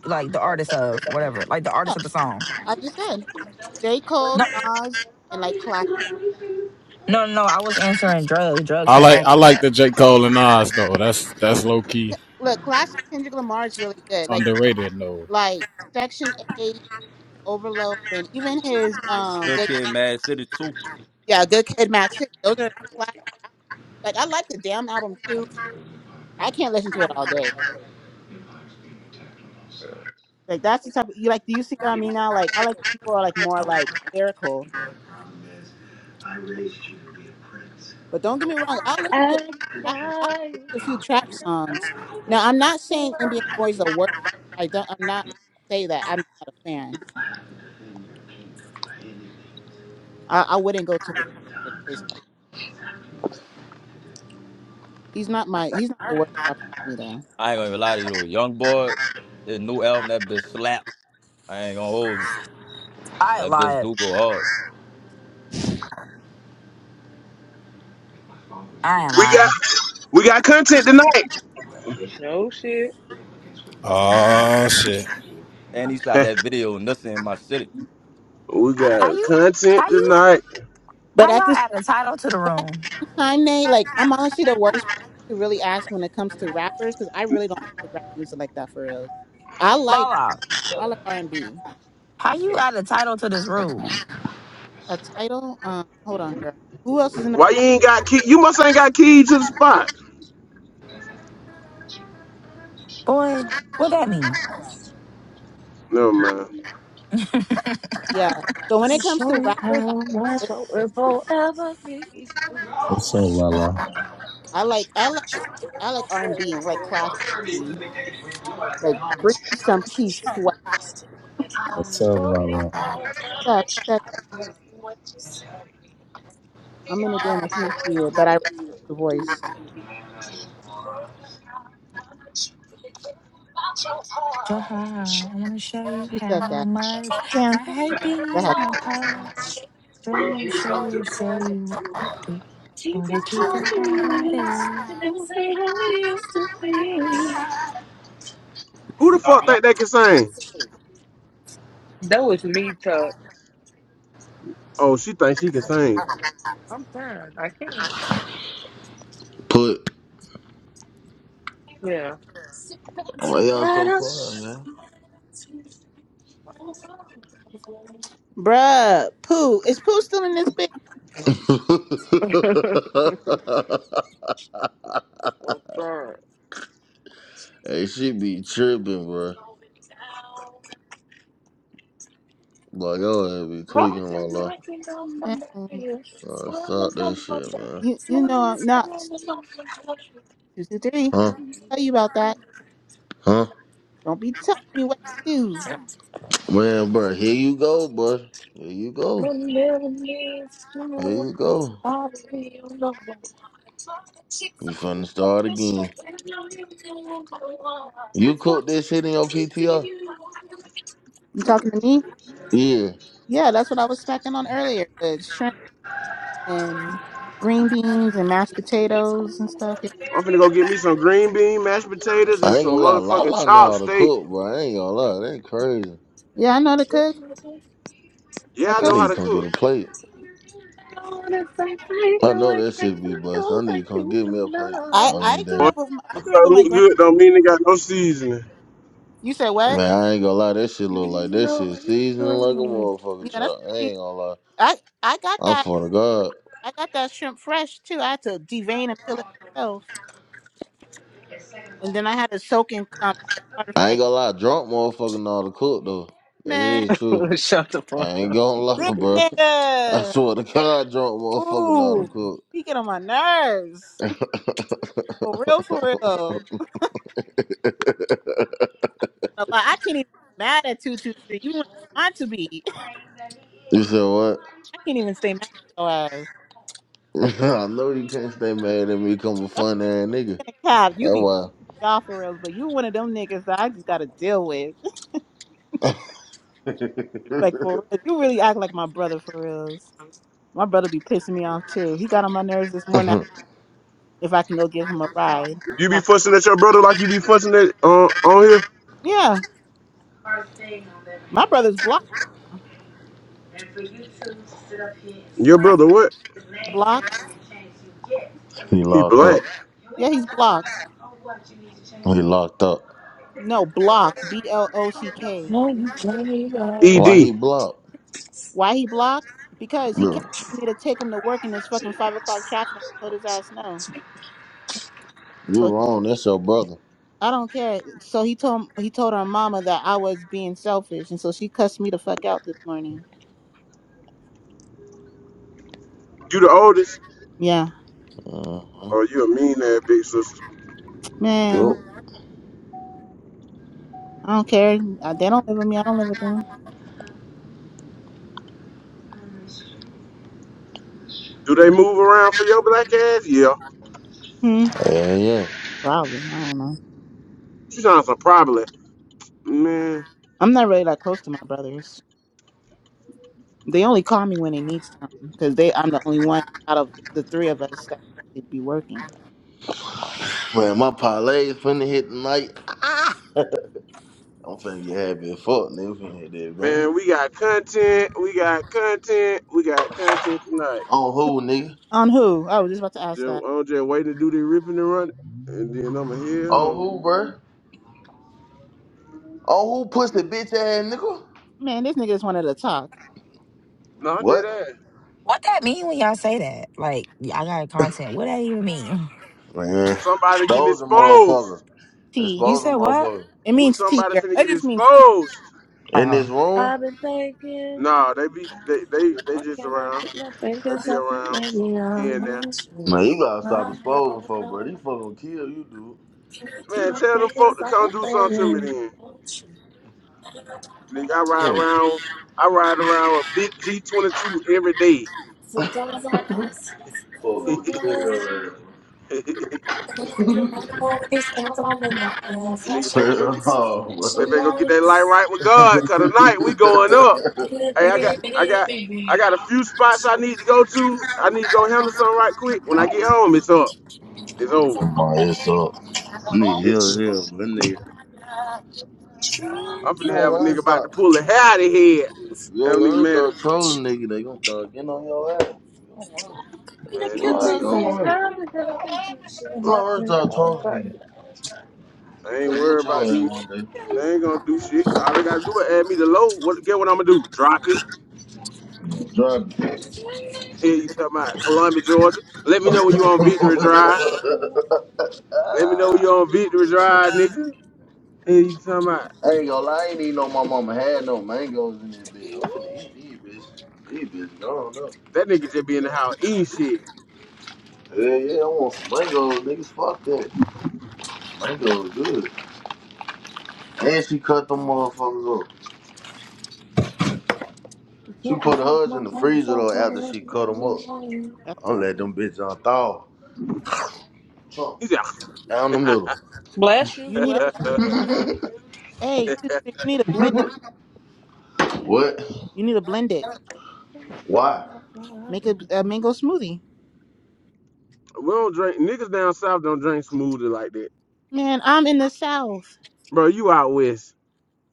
Speaker 1: like the artist of whatever. Like the
Speaker 5: Yeah,
Speaker 1: artist of the song.
Speaker 5: I just said J. Cole,
Speaker 1: No
Speaker 5: Nas, and like classic.
Speaker 1: no no, no, I was answering drugs. Drugs
Speaker 9: I
Speaker 1: had
Speaker 9: like I
Speaker 1: asked
Speaker 9: like
Speaker 1: that.
Speaker 9: the J. Cole and Nas though. That's that's low key
Speaker 5: Look, classic Kendrick Lamar is really good. Like,
Speaker 9: underrated though.
Speaker 5: like Section Eight, Overload, and even his um,
Speaker 8: Good
Speaker 5: good,
Speaker 8: Kid, Mad City too.
Speaker 5: yeah, Good Kid, Mad City. Those are classic. Like, I like the damn album too. I can't listen to it all day. Like that's the type of you like. Do you see what I mean now? Like I like people who are like more like lyrical. But don't get me wrong. I'll listen to a few trap, I'll listen to a few trap songs. Now I'm not saying NBA Boys the worst rapper. I don't. I'm not say that. I'm not a fan. I, I wouldn't go to his concert. basically. He's not my. He's not the worst rapper for me though.
Speaker 8: I ain't gonna even lie to you. Young boy, his new album that bitch slap. I ain't gonna hold you.
Speaker 1: I ain't
Speaker 8: That bitch
Speaker 1: lied.
Speaker 8: do go hard.
Speaker 1: I ain't
Speaker 11: We got
Speaker 1: lying.
Speaker 11: we got content tonight.
Speaker 10: No shit.
Speaker 9: Oh shit.
Speaker 8: And he shot that video and in my city.
Speaker 11: [laughs] we
Speaker 1: How
Speaker 11: got
Speaker 1: you
Speaker 11: content
Speaker 1: how you
Speaker 11: tonight.
Speaker 5: But
Speaker 1: how
Speaker 5: at
Speaker 1: y'all
Speaker 5: the same,
Speaker 1: add a title to the
Speaker 5: but at
Speaker 1: room?
Speaker 5: the same time, Nate, like I'm honestly the worst person to really ask when it comes to rappers because I really don't listen to rap music like that for real. I like
Speaker 1: Lala,
Speaker 5: I like R and B.
Speaker 1: how you add a title to this room?
Speaker 5: a title. Um, hold on, girl. Who else is in? The-
Speaker 11: Why you ain't got key? You must ain't got key to the spot.
Speaker 1: Boy, what that mean?
Speaker 11: Never mind.
Speaker 5: yeah. So when it comes to rappers, I,
Speaker 10: That
Speaker 13: What's up, Lala?
Speaker 5: I like I like I like R and B like classic R and B. Like bring me some Keith Sweat.
Speaker 13: What's up, Lala?
Speaker 5: who said that? I'm in the game. I can't see it, but I recognize the voice.
Speaker 1: Jahai, I wanna show you
Speaker 5: Who said
Speaker 1: how
Speaker 5: that?
Speaker 1: much I
Speaker 5: Cam.
Speaker 1: hate
Speaker 5: That had
Speaker 1: being
Speaker 5: to
Speaker 1: a part. Show you, show you, show you. Do gotta keep it how it is.
Speaker 11: Who the fuck think they can sing?
Speaker 10: was me, Tuck.
Speaker 11: Oh, she thinks she can sing.
Speaker 10: I'm tired. I can't.
Speaker 2: Put
Speaker 10: Yeah.
Speaker 2: what else?
Speaker 5: be. Bruh, Pooh. Is Pooh still in this bitch?
Speaker 10: [laughs] I'm
Speaker 2: on?
Speaker 10: tired.
Speaker 2: [laughs] hey, she be tripping, bruh. Like y'all have be
Speaker 10: Oh,
Speaker 2: tweaking, la la.
Speaker 5: Mm,
Speaker 2: Stop that,
Speaker 5: You you know I'm not. Two two three.
Speaker 2: huh?
Speaker 5: Tell you about that.
Speaker 2: Huh?
Speaker 5: Don't be telling me what to do.
Speaker 2: Man, bruh, here you go, bruh. Here you go. Here you go. You finna start again. You cook this shit in your PTR?
Speaker 5: You talking to me?
Speaker 2: Yeah.
Speaker 5: Yeah, that's what I was smacking on earlier. and green beans and mashed potatoes and stuff. Yeah,
Speaker 11: I'm finna go get me some green bean, mashed potatoes, and
Speaker 2: I ain't gonna
Speaker 11: some
Speaker 2: lie,
Speaker 11: motherfucking
Speaker 2: Lala know how to
Speaker 11: chopsticks.
Speaker 2: cook, bro. I ain't gonna lie, that ain't crazy.
Speaker 5: yeah, I know to cook.
Speaker 11: Yeah,
Speaker 5: I
Speaker 11: I
Speaker 2: I
Speaker 11: know
Speaker 5: told you.
Speaker 11: how
Speaker 2: need to
Speaker 11: to
Speaker 2: come get
Speaker 11: cook.
Speaker 2: a plate. That shit be
Speaker 5: I
Speaker 2: every
Speaker 5: I grew
Speaker 2: day.
Speaker 5: up with my, I grew up
Speaker 11: So,
Speaker 5: with my
Speaker 11: You
Speaker 5: grand.
Speaker 11: got no seasoning.
Speaker 5: You said what?
Speaker 2: Man, I ain't gonna lie, that shit look like that
Speaker 10: No,
Speaker 2: shit
Speaker 10: I'm
Speaker 2: seasoning like a
Speaker 10: sorry.
Speaker 2: motherfucker
Speaker 5: Yeah, that's
Speaker 2: truck. I
Speaker 5: see,
Speaker 2: ain't gonna lie.
Speaker 5: I I got
Speaker 2: I
Speaker 5: that
Speaker 2: swear to God.
Speaker 5: I got that shrimp fresh too. I had to devein and peel it myself, and then I had to soak in um water for
Speaker 2: I ain't
Speaker 5: like
Speaker 2: gonna lie, drunk motherfucker know how to cook though. That
Speaker 5: man
Speaker 2: is true.
Speaker 10: [laughs] Shut the fuck
Speaker 2: Ain't
Speaker 10: up.
Speaker 2: gonna
Speaker 5: this
Speaker 2: lie, [laughs] bro. I
Speaker 5: nigga.
Speaker 2: swear to God, drunk motherfucker know how
Speaker 5: Ooh,
Speaker 2: to cook.
Speaker 5: he get on my nerves
Speaker 2: [laughs]
Speaker 5: [laughs] for real, for real. Like I can't even be mad at two two three even when I want to be. [laughs]
Speaker 2: you said what?
Speaker 5: I can't even stay mad at your ass.
Speaker 2: [laughs] I know you can't stay mad at me. Come a fun ass nigga.
Speaker 5: Cap, you
Speaker 2: That's
Speaker 5: be
Speaker 2: why.
Speaker 5: off for reals, but you one of them niggas that I just gotta deal with. [laughs] Like for real, you really act like my brother for reals. My brother be pissing me off too. He got on my nerves this morning. If I can go give him a ride,
Speaker 11: You
Speaker 5: I-
Speaker 11: be fussing at your brother like you be fussing at uh, on here.
Speaker 5: yeah, my brother's blocked.
Speaker 11: Your brother what?
Speaker 5: Blocked?
Speaker 2: [laughs] he
Speaker 11: He
Speaker 2: locked up.
Speaker 11: black.
Speaker 5: Yeah, he's blocked.
Speaker 2: He locked up.
Speaker 5: No, blocked. B L O C K.
Speaker 11: Ed.
Speaker 2: Why he
Speaker 11: You
Speaker 2: blocked?
Speaker 5: Why he blocked? Because he
Speaker 2: Look,
Speaker 5: kept wanting me to take him to work in this fucking five o'clock traffic, and I told his ass no.
Speaker 2: you
Speaker 5: So.
Speaker 2: wrong. That's your brother.
Speaker 5: I don't care. So he told he told her mama that I was being selfish, and so she cussed me the fuck out this morning.
Speaker 11: the oldest?
Speaker 5: Yeah,
Speaker 2: Uh-huh.
Speaker 11: Oh, you a mean ass big sister.
Speaker 5: man,
Speaker 2: Yup.
Speaker 5: what- I don't care. Uh, They don't live with me. I don't live with them.
Speaker 11: Do they move around for your black ass? Yeah.
Speaker 5: Hmm.
Speaker 2: Yeah, yeah.
Speaker 5: Probably. I don't know.
Speaker 11: You sound so problem. Man,
Speaker 5: I'm not really that close to my brothers. They only call me when they need something because they I'm the only one out of the three of us that should be working.
Speaker 2: Man, my parlay is finna hit tonight. Ah! [laughs] I'm finna get happy as fuck, nigga. Finna hit that, man.
Speaker 11: man, we got content. We got content. We got content tonight.
Speaker 2: On who, nigga?
Speaker 5: On who? I was just about to ask
Speaker 11: Ju-
Speaker 5: that.
Speaker 11: I'm just waiting to do the ripping and running, and then I'ma head
Speaker 2: On who,
Speaker 11: home.
Speaker 2: bruh? On who pussy bitch ass nigga?
Speaker 5: Man, this nigga just wanted to talk.
Speaker 11: No, I'm
Speaker 2: What?
Speaker 11: dead ass.
Speaker 1: What that mean when y'all say that? Like, I got content. What that even mean? [laughs]
Speaker 2: Man,
Speaker 11: Somebody
Speaker 5: T
Speaker 11: getting
Speaker 2: those a motherfucker.
Speaker 11: exposed.
Speaker 5: T.
Speaker 1: You
Speaker 2: Exposing
Speaker 1: said what?
Speaker 2: motherfucker.
Speaker 5: It
Speaker 11: We
Speaker 5: means tea,
Speaker 11: somebody
Speaker 5: girl.
Speaker 11: finna
Speaker 5: It
Speaker 11: get
Speaker 5: just means tea.
Speaker 11: exposed.
Speaker 2: In
Speaker 1: Oh.
Speaker 2: this room?
Speaker 11: Nah, they be they they they just around. They be around here and there.
Speaker 2: Man, you gotta stop exposing folk, bro. These fucking gonna kill you, dude.
Speaker 11: Man, tell them folk to come do something to me then. Nigga, I ride
Speaker 2: Yeah.
Speaker 11: around. I ride around a big G22 every day. [laughs] Nigga, better go
Speaker 2: [laughs]
Speaker 11: get.
Speaker 2: oh,
Speaker 11: They
Speaker 2: bro.
Speaker 11: better go get that light right with God. Cause tonight we going up. Hey, I got I got I got a few spots I need to go to. I need to go handle something right quick. When I get home, it's up. It's over.
Speaker 2: My ass up. Nigga,
Speaker 11: It's
Speaker 2: hell, hell, that nigga.
Speaker 11: I'm
Speaker 2: You
Speaker 11: finna
Speaker 2: don't
Speaker 11: have a
Speaker 2: learn
Speaker 11: nigga about to
Speaker 2: stop.
Speaker 11: pull the hair out of head.
Speaker 2: You don't
Speaker 11: Have a nigga
Speaker 2: learn
Speaker 11: mad. at-
Speaker 2: stop trolling, nigga. They gonna start getting on your ass. You don't learn.
Speaker 11: Man, these niggas ain't.
Speaker 2: You don't learn stop trolling.
Speaker 11: I
Speaker 2: You
Speaker 11: ain't
Speaker 2: gonna
Speaker 11: worried
Speaker 2: get
Speaker 11: about
Speaker 2: your ass
Speaker 11: these. They ain't gonna do shit. All they gotta do is add me to load. What get what I'm gonna do? Drop it.
Speaker 2: one day.
Speaker 11: [laughs] Here you talking about Columbia, Georgia. Let me know when you on Victory Drive. Let me know when you on Victory Drive,
Speaker 2: Drive. [laughs]
Speaker 11: nigga. Here you talking about
Speaker 2: I ain't gonna lie, I ain't even know my mama had no mangoes in this bitch. Oh, These bitch, these bitch gone though.
Speaker 11: that nigga just be in the house eating shit.
Speaker 2: Yeah, yeah, I want some mangoes, niggas. Fuck that. Mangoes good. And she cut them motherfuckers up. She put hers in the freezer though after she cut them up.
Speaker 5: That's the.
Speaker 2: I'm let them bitches unthaw. Chunk.
Speaker 11: He said,
Speaker 2: Down the middle.
Speaker 10: Bless you,
Speaker 5: You
Speaker 11: [laughs]
Speaker 5: need a
Speaker 10: whoever
Speaker 11: we
Speaker 10: sneezes.
Speaker 2: [laughs]
Speaker 5: hey. Toothpick, You need to blend them.
Speaker 2: what?
Speaker 5: You need to blend it.
Speaker 2: Why?
Speaker 5: Make a, a mango smoothie.
Speaker 11: don't drink niggas down south don't drink smoothie like that,
Speaker 5: Man, I'm in the South.
Speaker 11: bro. You out west,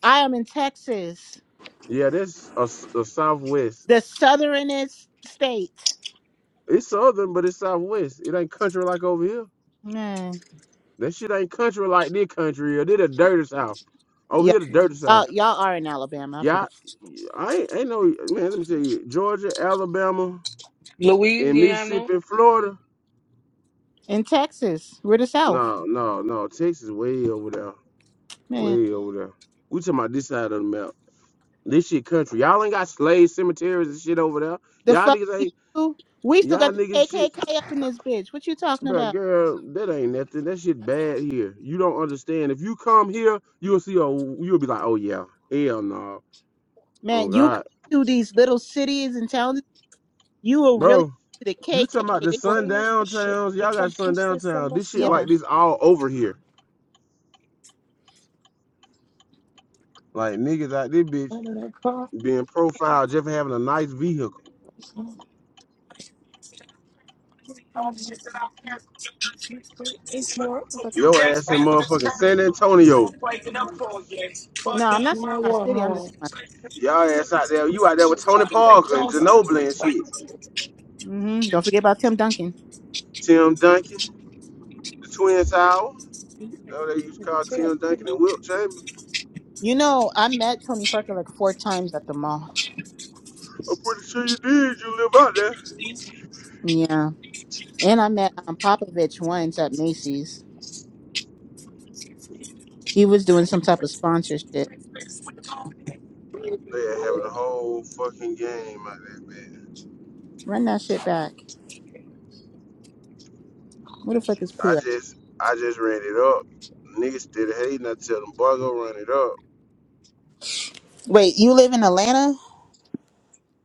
Speaker 5: I am in Texas,
Speaker 11: yeah. That's a, a southwest.
Speaker 5: the southernest state.
Speaker 11: It's southern, but it's southwest. It ain't country like over here.
Speaker 5: Man,
Speaker 11: That shit ain't country like this country or they the dirty south. Over
Speaker 5: yeah,
Speaker 11: here the dirty
Speaker 5: y'all,
Speaker 11: south.
Speaker 5: y'all are in Alabama. I
Speaker 11: Yeah,
Speaker 5: forgot.
Speaker 11: I ain't, ain't no man, let me tell you, Georgia, Alabama, and
Speaker 10: Louisiana.
Speaker 11: Mississippi and Florida.
Speaker 5: In Texas, we're the South.
Speaker 11: No, no, no. Texas way over there.
Speaker 5: Man,
Speaker 11: Way over there. We talking about this side of the map. This shit country. Y'all ain't got slave cemeteries and shit over there.
Speaker 5: the
Speaker 11: Y'all
Speaker 5: fuck
Speaker 11: niggas
Speaker 5: we
Speaker 11: ain't
Speaker 5: do? We still
Speaker 11: y'all
Speaker 5: got the
Speaker 11: niggas shit.
Speaker 5: KKK up in this bitch. What you talking
Speaker 11: Bro,
Speaker 5: about?
Speaker 11: girl, that ain't nothing. That shit bad here. You don't understand. If you come here, you'll see a you'll be like, oh yeah, hell no. Oh
Speaker 5: Man, you
Speaker 11: God.
Speaker 5: come to these little cities and towns, you will really
Speaker 11: Bro,
Speaker 5: to the
Speaker 11: you talking about
Speaker 5: KKK.
Speaker 11: the
Speaker 5: They
Speaker 10: I'm
Speaker 5: will,
Speaker 10: saying the
Speaker 11: sundown
Speaker 10: shit.
Speaker 11: towns? Y'all
Speaker 10: If I
Speaker 11: got
Speaker 10: just say
Speaker 11: sundown towns. This shit
Speaker 10: so
Speaker 5: yeah.
Speaker 11: like this all over here. Like niggas out this bitch
Speaker 10: myself,
Speaker 11: being profiled just for having a nice vehicle.
Speaker 10: It's more.
Speaker 11: Your ass in motherfucking San Antonio.
Speaker 5: No, I'm not saying
Speaker 10: My
Speaker 5: my city. I'm just
Speaker 10: wall.
Speaker 5: saying my.
Speaker 11: Y'all ass out there. You out there with Tony Parker and Ginobili and shit.
Speaker 5: hmm Don't forget about Tim Duncan.
Speaker 11: Tim Duncan, the Twin Tower. Know they used to call Tim Duncan and Wilt Chamberlain.
Speaker 5: You know, I met Tony Parker like four times at the mall.
Speaker 11: I'm pretty sure you did. You live out there.
Speaker 5: Yeah. And I met um, Popovich once at Macy's. He was doing some type of sponsorship.
Speaker 11: They are having a whole fucking game out there, man.
Speaker 5: Run that shit back. Where the fuck is
Speaker 11: I
Speaker 5: Pooh at?
Speaker 11: just I just ran it up. Niggas still hating. I tell them, boy, go run it up.
Speaker 5: Wait, you live in Atlanta?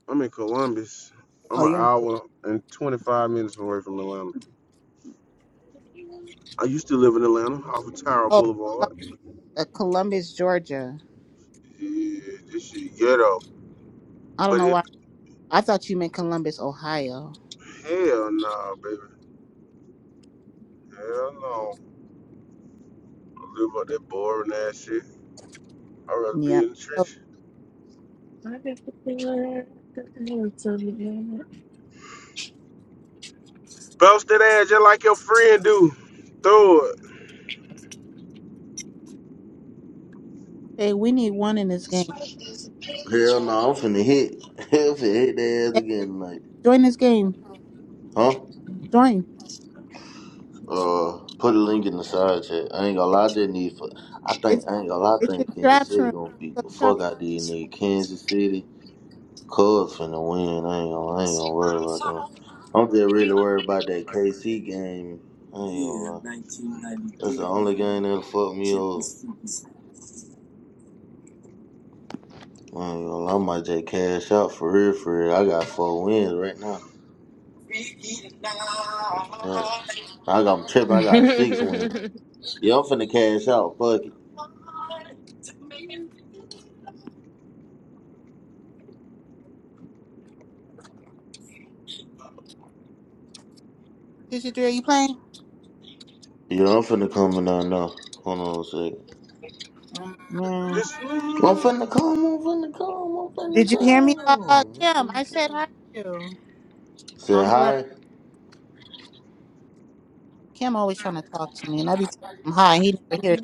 Speaker 11: I'm in Columbus.
Speaker 5: Oh,
Speaker 11: I'm an
Speaker 5: you're in
Speaker 11: hour and 25 minutes away from Atlanta. I used to live in Atlanta off of Tyrell
Speaker 5: oh, Columbus,
Speaker 11: Boulevard.
Speaker 5: uh, Columbus, Georgia.
Speaker 11: Yeah, this shit ghetto.
Speaker 5: I don't
Speaker 11: But
Speaker 5: know
Speaker 11: it,
Speaker 5: why. I thought you meant Columbus, Ohio.
Speaker 11: hell nah, baby. Hell no. I live up that boring ass shit. I'd rather
Speaker 5: Yeah.
Speaker 11: be in the
Speaker 5: Oh,
Speaker 11: trench. Bust that ass just like your friend do. Throw it.
Speaker 5: Hey, we need one in this game.
Speaker 2: Hell no, I'm finna hit. [laughs] Hell finna hit their ass
Speaker 5: Hey,
Speaker 2: again tonight.
Speaker 5: join this game.
Speaker 2: Huh?
Speaker 5: Join.
Speaker 2: Uh, put a link in the side chat. I ain't gonna
Speaker 5: It-
Speaker 2: lie, I just need for. I think
Speaker 5: It's
Speaker 2: I ain't gonna lie, I think
Speaker 5: in Traps Room.
Speaker 2: beat
Speaker 5: Go to
Speaker 2: the fuck
Speaker 5: Traps Room.
Speaker 2: out these niggas. Kansas City, Cubs finna win. I ain't gonna, I ain't gonna worry about them. I'm just really worried about that KC game. I ain't gonna lie.
Speaker 10: Yeah,
Speaker 2: That's the
Speaker 10: 1993.
Speaker 2: only game that'll fuck me
Speaker 10: Check
Speaker 2: over.
Speaker 10: this freaking sound.
Speaker 2: I ain't gonna lie. I might just cash out for real, for real. I got four wins right now. I got, I'm tripping. I got, yeah, I'm finna cash out.
Speaker 10: [laughs]
Speaker 2: Fuck it.
Speaker 5: 223, are you playing?
Speaker 2: Yeah, I'm finna come in there now. Hold on a second.
Speaker 5: Man.
Speaker 2: I'm
Speaker 11: It's
Speaker 2: finna come, I'm finna come, I'm finna
Speaker 5: Did you
Speaker 2: come.
Speaker 5: hear me, Lala? Kim, I said hi to you. Oh,
Speaker 2: Say
Speaker 5: he left.
Speaker 2: hi.
Speaker 5: Kim always trying to talk to me, and I be telling him hi. He never hears.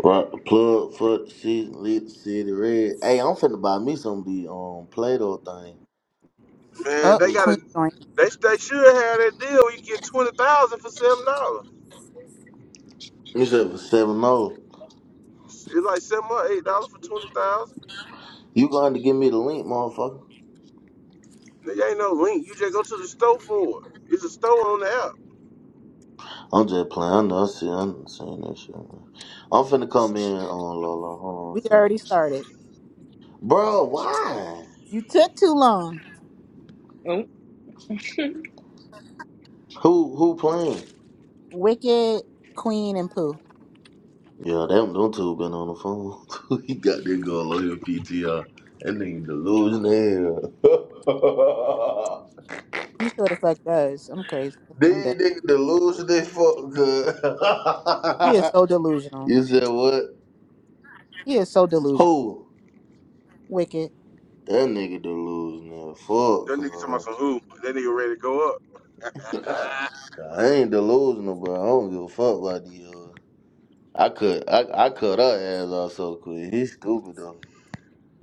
Speaker 2: Right, plug for the season, lead the city red. Hey, I'm finna buy me some of the um Play-Doh thing.
Speaker 11: Man,
Speaker 5: Up,
Speaker 11: they got to
Speaker 5: Queen joined.
Speaker 11: They they should have that deal. Where you get twenty thousand for seven dollars.
Speaker 2: You said for seven oh.
Speaker 11: It's like seven or eight dollars for twenty thousand.
Speaker 2: You going to give me the link, motherfucker?
Speaker 11: There ain't no link. You just go to the store for it. It's a store on the app.
Speaker 2: I'm just playing. I know. I see. I'm saying that shit. Man. I'm finna come in on Lola. Hold on, a
Speaker 5: We
Speaker 2: second.
Speaker 5: already started.
Speaker 2: bro. Why?
Speaker 5: You took too long.
Speaker 10: oh.
Speaker 2: Who who playing?
Speaker 5: Wicked, Queen, and Pooh.
Speaker 2: Yeah, them them two been on the phone. [laughs] he got that girl on your PTR. That nigga delusional. [laughs]
Speaker 5: He sure the fuck does. I'm crazy.
Speaker 2: These
Speaker 5: I'm dead.
Speaker 2: niggas delusional they fuck good.
Speaker 5: He is so
Speaker 2: [laughs]
Speaker 5: delusional.
Speaker 2: you said what?
Speaker 5: He is so delusional.
Speaker 2: Who?
Speaker 5: Wicked,
Speaker 2: That nigga delusional. Fuck,
Speaker 11: That nigga talking about
Speaker 2: cuz.
Speaker 11: some who? That nigga ready to go up. [laughs]
Speaker 2: I ain't delusional, but I don't give a fuck about these hoes. I cut, I, I cut her ass off so quick. He stupid though.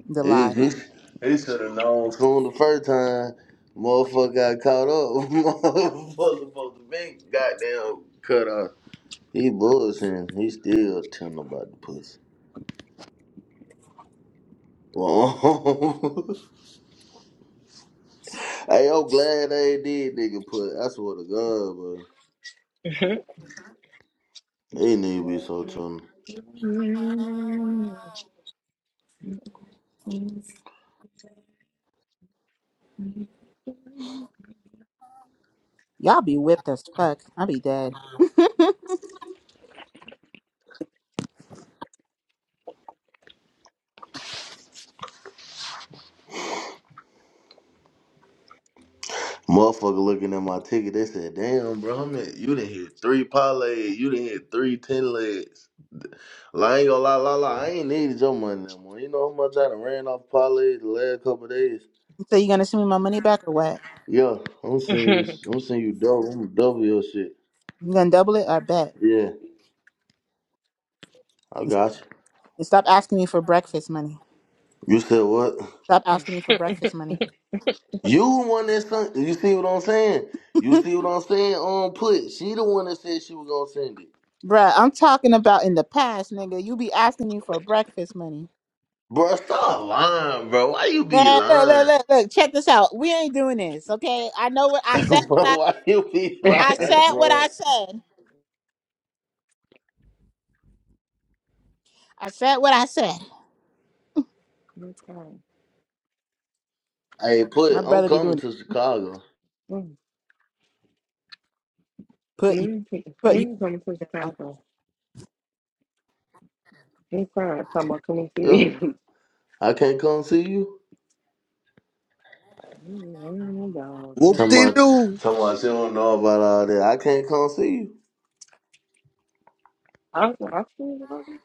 Speaker 5: the
Speaker 2: He,
Speaker 5: lie.
Speaker 2: he soon the first time, motherfucker got caught up. [laughs] motherfucker supposed to be goddamn cut off. He bullshitting. He still telling about the pussy. Well, [laughs] Hey, I'm glad they did, nigga. Put I swear to God, bro. They need to be so tuned.
Speaker 5: Y'all be whipped as fuck. I be dead. [laughs]
Speaker 2: Motherfucker looking at my ticket, they said, "Damn, bro, I'm at, you didn't hit three parlays, you didn't hit three ten legs." Like, I ain't gonna lie, la la. I ain't needed your money no more. You know how much I done ran off parlays the last couple of days.
Speaker 5: so you gonna send me my money back or what?
Speaker 2: Yeah, I'm seeing you.
Speaker 10: [laughs]
Speaker 2: I'm seeing you double. I'm gonna double your shit.
Speaker 5: You gonna double it? I bet.
Speaker 2: Yeah, I
Speaker 5: And stop
Speaker 2: got
Speaker 5: and stop asking me for breakfast money.
Speaker 2: you. You said what?
Speaker 5: Stop asking me for breakfast money.
Speaker 2: You the one that sent. You see what I'm saying?
Speaker 5: [laughs]
Speaker 2: You see what I'm saying? On put. She the one that said she was gonna send it.
Speaker 5: Bruh, I'm talking about in the past, nigga. You be asking me for breakfast money.
Speaker 2: Bro, stop lying, bro. Why you be
Speaker 5: Man, look,
Speaker 2: lying?
Speaker 5: look, look, look. Check this out. We ain't doing this, okay? I know what
Speaker 2: [laughs]
Speaker 5: I said.
Speaker 2: bro,
Speaker 5: I,
Speaker 2: why you be lying?
Speaker 5: I
Speaker 10: Let's
Speaker 5: said what I said. I said what I said.
Speaker 10: go.
Speaker 2: Hey,
Speaker 5: My
Speaker 2: put, I'm
Speaker 5: brother be
Speaker 2: coming
Speaker 5: doing it.
Speaker 2: to Chicago.
Speaker 5: Put you,
Speaker 10: When you take-
Speaker 5: put you.
Speaker 10: when you coming to Chicago? They crying, talking about coming to you. [laughs]
Speaker 2: I can't come see you.
Speaker 10: Mm, dog, yeah.
Speaker 14: Whoop
Speaker 2: Tell
Speaker 14: de
Speaker 2: my,
Speaker 14: doo.
Speaker 2: tell my, she don't know about all that. I can't come see you.
Speaker 10: I was like, I feel like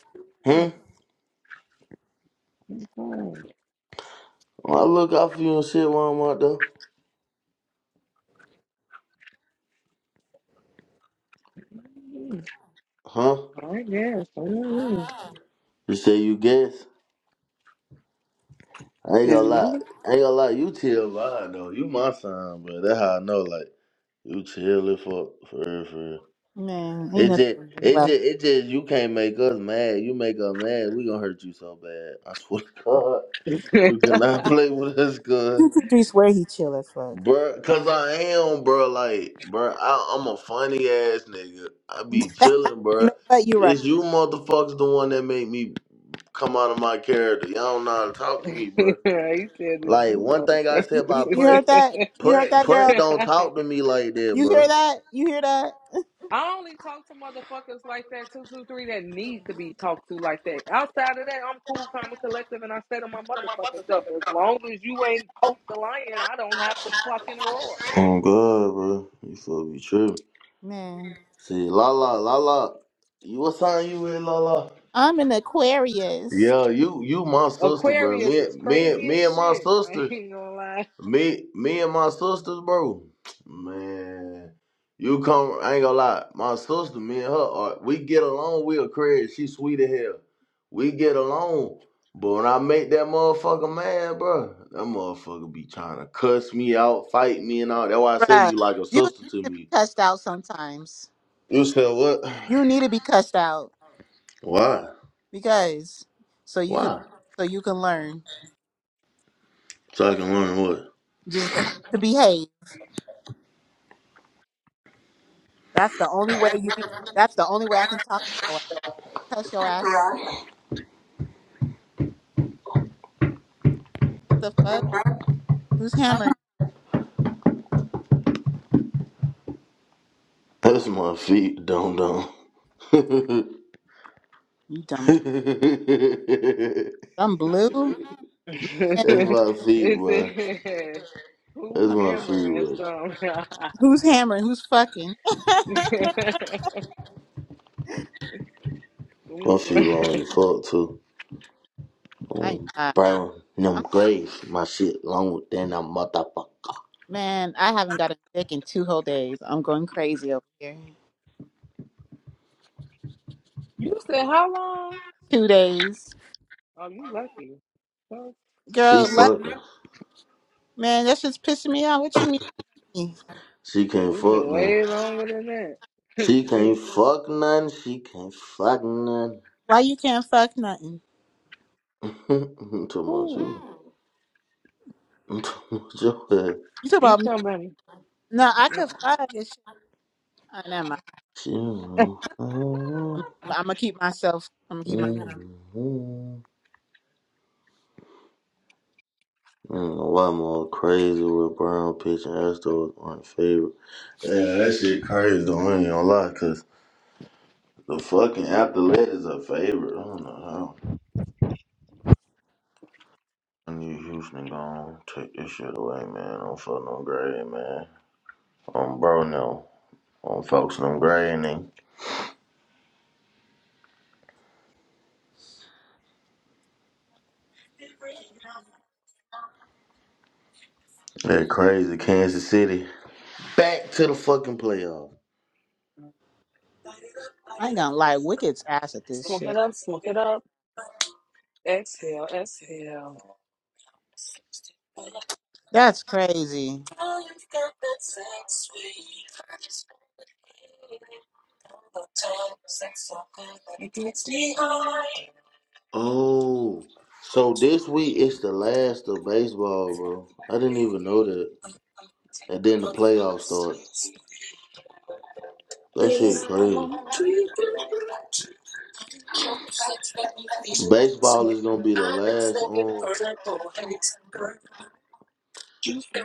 Speaker 2: Huh?
Speaker 10: I'm fine.
Speaker 2: I look out for you and shit while I'm out there.
Speaker 10: Mm,
Speaker 2: Huh?
Speaker 10: I guess. Mm.
Speaker 2: You say you guess? I ain't
Speaker 10: Is
Speaker 2: gonna lie.
Speaker 10: you?
Speaker 2: I ain't gonna lie. You chill vibe though. You my sign, bro. That's how I know. Like you chill it for for real, for real.
Speaker 5: Man, ain't
Speaker 2: It
Speaker 5: nothing.
Speaker 2: just,
Speaker 10: I'm doing
Speaker 2: it just,
Speaker 5: Well,
Speaker 10: good.
Speaker 2: it just, you can't make us mad. You make us mad, we gonna hurt you so bad. I swear to God.
Speaker 10: [laughs]
Speaker 2: [laughs] Play with us good.
Speaker 5: two, three swear he chill as fuck.
Speaker 2: Bruh, cause I am, bruh, like, bruh, I, I'm a funny ass nigga. I be chilling,
Speaker 5: [laughs] you
Speaker 2: bruh.
Speaker 5: know what? You're right.
Speaker 2: It's you motherfuckers the one that make me come out of my character. Y'all don't know how to talk to
Speaker 10: you
Speaker 2: me, bruh.
Speaker 10: said it's
Speaker 2: Like,
Speaker 10: you,
Speaker 2: one thing I said,
Speaker 5: You, you, you heard that? You heard
Speaker 2: put,
Speaker 5: that,
Speaker 2: put
Speaker 5: girl?
Speaker 10: motherfucker. [laughs]
Speaker 2: to me like that,
Speaker 5: You
Speaker 2: bruh.
Speaker 5: hear that? You hear that?
Speaker 10: I only talk to motherfuckers like that, 223, that need to be talked to like that. Outside of that, I'm cool, calm, and collective, and I stay to my motherfucking self. As long as you ain't poke the lion, I don't have to fucking roar.
Speaker 2: Oh, God, bruh. You fuck be tripping.
Speaker 5: Man,
Speaker 2: See, la la, la la. You, what sign you in, la la?
Speaker 5: I'm an Aquarius.
Speaker 2: Yeah, you you my sister.
Speaker 10: Aquarius is
Speaker 2: Me and
Speaker 10: crazy as
Speaker 2: me and my
Speaker 10: shit. [laughs] I
Speaker 2: sisters.
Speaker 10: ain't gonna lie.
Speaker 2: Me me and my sisters, bro. Man. You come I ain't gonna lie. My sister, me and her are, we get along, we a crazy. She sweet as hell. We get along. But when I make that motherfucker mad, bro, that motherfucker be trying to cuss me out, fight me and all. That's why I say
Speaker 5: Bruh,
Speaker 2: you like a
Speaker 5: you need
Speaker 2: sister to
Speaker 5: to be
Speaker 2: me.
Speaker 5: cussed out sometimes.
Speaker 2: You said what?
Speaker 5: You need to be cussed out
Speaker 2: Why?
Speaker 5: because so you can
Speaker 2: Why?
Speaker 5: so you can learn
Speaker 2: So I can learn what?
Speaker 5: just to behave. That's the only way you can. That's the only way I can talk to your ass. To cuss your ass out. What the fuck? Who's hammering
Speaker 2: That's my feet, dum dum. [laughs]
Speaker 5: you,
Speaker 2: [laughs]
Speaker 5: dumb
Speaker 2: feet
Speaker 5: dumb? I'm blue.
Speaker 10: [laughs]
Speaker 5: Man,
Speaker 10: it's
Speaker 2: wet.
Speaker 10: a, who
Speaker 2: That's my feet
Speaker 10: hammering
Speaker 2: wet.
Speaker 10: some? [laughs]
Speaker 5: who's hammering? Who's fucking?
Speaker 10: you
Speaker 2: My feet long as fuck too.
Speaker 5: [laughs] I ain't
Speaker 2: Um,
Speaker 5: gonna lie.
Speaker 2: brown them
Speaker 5: I'm
Speaker 2: graves. My shit long than a motherfucker.
Speaker 5: man. I haven't got a dick in two whole days. I'm going crazy over here.
Speaker 10: said how long?
Speaker 5: Two days,
Speaker 10: Oh, you lucky. Fuck,
Speaker 2: She
Speaker 5: girl. Let,
Speaker 2: fuck.
Speaker 5: man, that's just pissing me off. What you mean?
Speaker 2: She
Speaker 10: shit,
Speaker 2: can't
Speaker 10: it's
Speaker 2: fuck.
Speaker 10: been way longer than that. [laughs] It's
Speaker 2: She can't
Speaker 10: weird.
Speaker 2: fuck none. She can't fuck none.
Speaker 5: Why you can't fuck nothing?
Speaker 2: [laughs] too much.
Speaker 10: Ooh,
Speaker 2: Too much. of that.
Speaker 5: You talk
Speaker 10: you
Speaker 5: about me.
Speaker 10: somebody.
Speaker 5: No, I could
Speaker 10: No,
Speaker 5: find this shit. I never mind.
Speaker 2: She. don't know.
Speaker 5: I'm, I'm gonna keep myself. I'm gonna keep my.
Speaker 2: Mm-hmm. I don't know why I'm all crazy with brown pitch and Astros my favorite. Yeah, that shit crazy though. I ain't gonna lie, 'cause The fucking Athlete is a favorite. I don't know how. I need Houston gone. Take this shit away, man. Don't fuck no gray, man. On bro, no. I'm focusing On folks, no gray, and they- that crazy Kansas City. Back to the fucking playoff.
Speaker 5: I ain't gonna lie. Wicked's ass at this shit. That's crazy,
Speaker 2: Oh, so this week it's the last of baseball, bro. I didn't even know that. And then the playoffs start. That shit crazy. Baseball is gonna be the last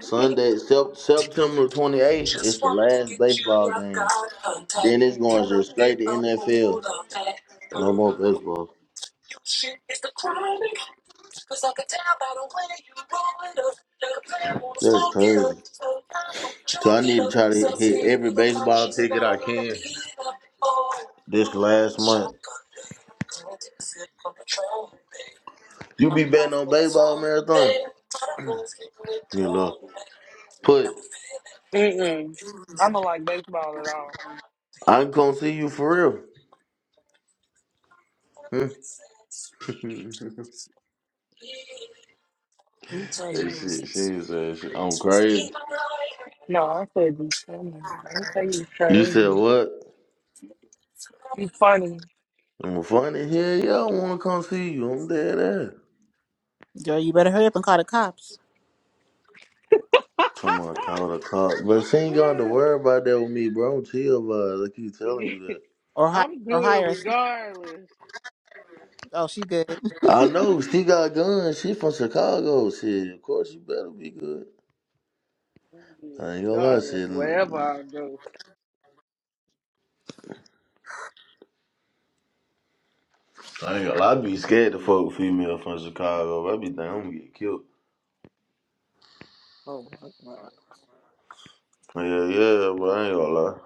Speaker 2: Sunday, Sep- September twenty eighth. It's the last baseball game. Then it's going just straight to NFL. No more baseball. Just, so I need to try to hit every baseball ticket I can this last month. You be betting on baseball marathon? You look. Put.
Speaker 10: I don't like baseball at all.
Speaker 2: I ain't gonna see you for real. [laughs] She, she said, she, I'm crazy.
Speaker 10: No.
Speaker 2: you said what? I'm funny. Hell yeah, I wanna come see you. I'm dead ass.
Speaker 5: girl. You better hurry up and call the cops,
Speaker 10: [laughs]
Speaker 2: Talk. But
Speaker 10: I'm
Speaker 2: she ain't gonna have to
Speaker 10: trying.
Speaker 2: worry about that with me, bro. I'm chill, but I keep telling you.
Speaker 10: [laughs]
Speaker 5: or hire
Speaker 10: I'm
Speaker 5: or
Speaker 10: good
Speaker 5: hire a sniper.
Speaker 10: regardless.
Speaker 5: Oh, she good.
Speaker 2: I
Speaker 5: [laughs]
Speaker 2: know she got guns. She from Chicago. Shit, of course you better be good.
Speaker 10: I'm good
Speaker 2: I ain't gonna lie.
Speaker 10: regardless, wherever I go.
Speaker 2: I ain't gonna lie. I be scared to fuck with female from Chicago. I be think I'm gonna get killed.
Speaker 10: Oh my god.
Speaker 2: Yeah, yeah, but I ain't gonna lie.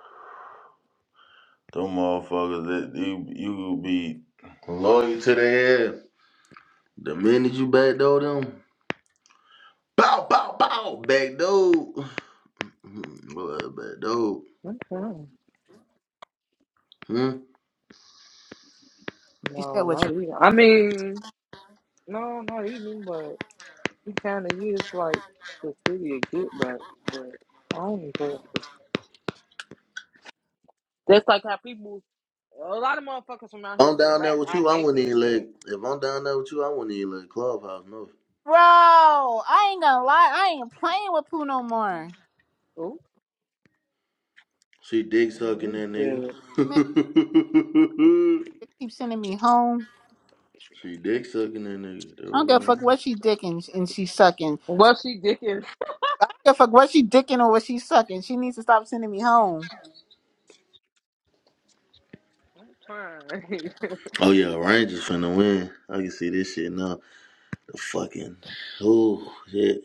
Speaker 2: Them motherfuckers that you you be loyal to their ass. The minute you backdoor them, bow bow bow backdoor. Hmm, Boy, backdoor.
Speaker 10: i
Speaker 2: Hmm.
Speaker 5: she said
Speaker 10: No,
Speaker 5: what's
Speaker 10: not
Speaker 5: wrong,
Speaker 10: even. I mean, no, not even, but he kind of is like the city of get back, but I don't care. That's like how people a lot of motherfuckers from out here
Speaker 2: I'm
Speaker 10: say the
Speaker 2: down there
Speaker 10: rack.
Speaker 2: with
Speaker 10: I
Speaker 2: you. I
Speaker 10: hate
Speaker 2: wouldn't
Speaker 10: that
Speaker 2: even let.
Speaker 10: shit.
Speaker 2: If I'm down there with you, I wouldn't even let clubhouse know.
Speaker 5: bro. I ain't gonna lie. I ain't playing with Pooh no more.
Speaker 10: Ooh,
Speaker 2: She dick
Speaker 10: I don't
Speaker 2: sucking
Speaker 10: need
Speaker 2: that nigga.
Speaker 10: that.
Speaker 5: Man,
Speaker 2: [laughs]
Speaker 5: they keep sending me home.
Speaker 2: she dick sucking that nigga.
Speaker 5: I don't give a fuck what she dicking and she sucking.
Speaker 10: Well, she dicking
Speaker 5: I don't give a fuck what she dicking or what she sucking. She needs to stop sending me home,
Speaker 10: fine. [laughs]
Speaker 2: Oh yeah, Rangers finna win. I can see this shit now. The fucking oh shit.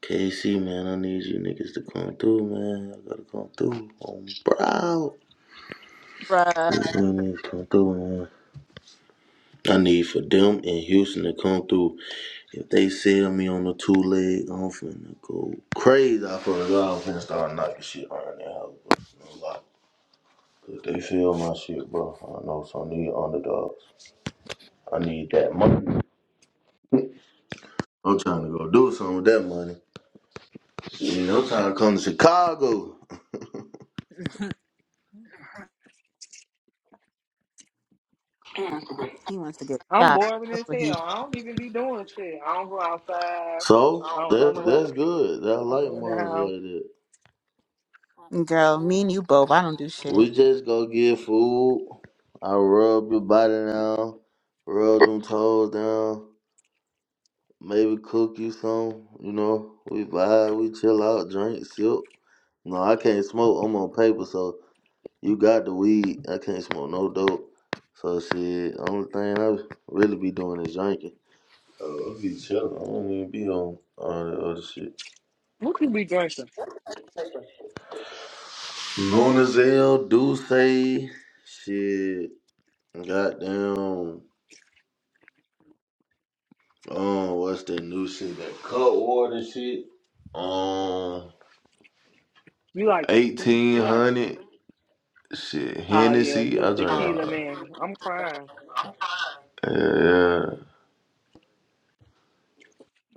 Speaker 2: KC man, I need you niggas to come through, man. I gotta come through. I'm proud.
Speaker 5: bruh.
Speaker 2: come through, man. I need for them and Houston to come through. If they sell me on the two leg, I'm finna go crazy. I feel like I'm finna start knocking shit around their house. No 'Cause They feel my shit, bro. I know, so I need underdogs. I need that money. I'm trying to go do something with that money. Shit, I'm trying to come to Chicago.
Speaker 5: He wants to get
Speaker 10: I'm
Speaker 5: shot.
Speaker 10: boring
Speaker 5: That's
Speaker 10: as
Speaker 5: what he
Speaker 10: hell. I don't even be doing shit. I don't go outside.
Speaker 2: So
Speaker 10: I don't go
Speaker 2: that's
Speaker 10: nowhere.
Speaker 2: that's good. That
Speaker 10: I
Speaker 2: like
Speaker 10: go in the
Speaker 2: Marvin.
Speaker 10: house.
Speaker 5: Girl, me and you both. I don't do
Speaker 2: We
Speaker 5: shit.
Speaker 2: just go get food. I rub your body down, rub them toes down. Maybe cook you some. You know, we vibe, we chill out, drink, sip. No, I can't smoke. I'm on paper, so You got the weed. I can't smoke no dope. So shit, only thing I really be doing is drinking. Oh, I be chilling. I don't even be on all that other shit.
Speaker 10: What you be drinking?
Speaker 2: Lunazel, Duce, shit. Goddamn. Um, what's that new shit? That Cutwater shit. Um,
Speaker 10: You like tequila?
Speaker 2: 1800. Shit,
Speaker 10: Oh
Speaker 2: Hennessy.
Speaker 10: yeah, you a tequila man. I'm crying.
Speaker 2: Yeah, yeah.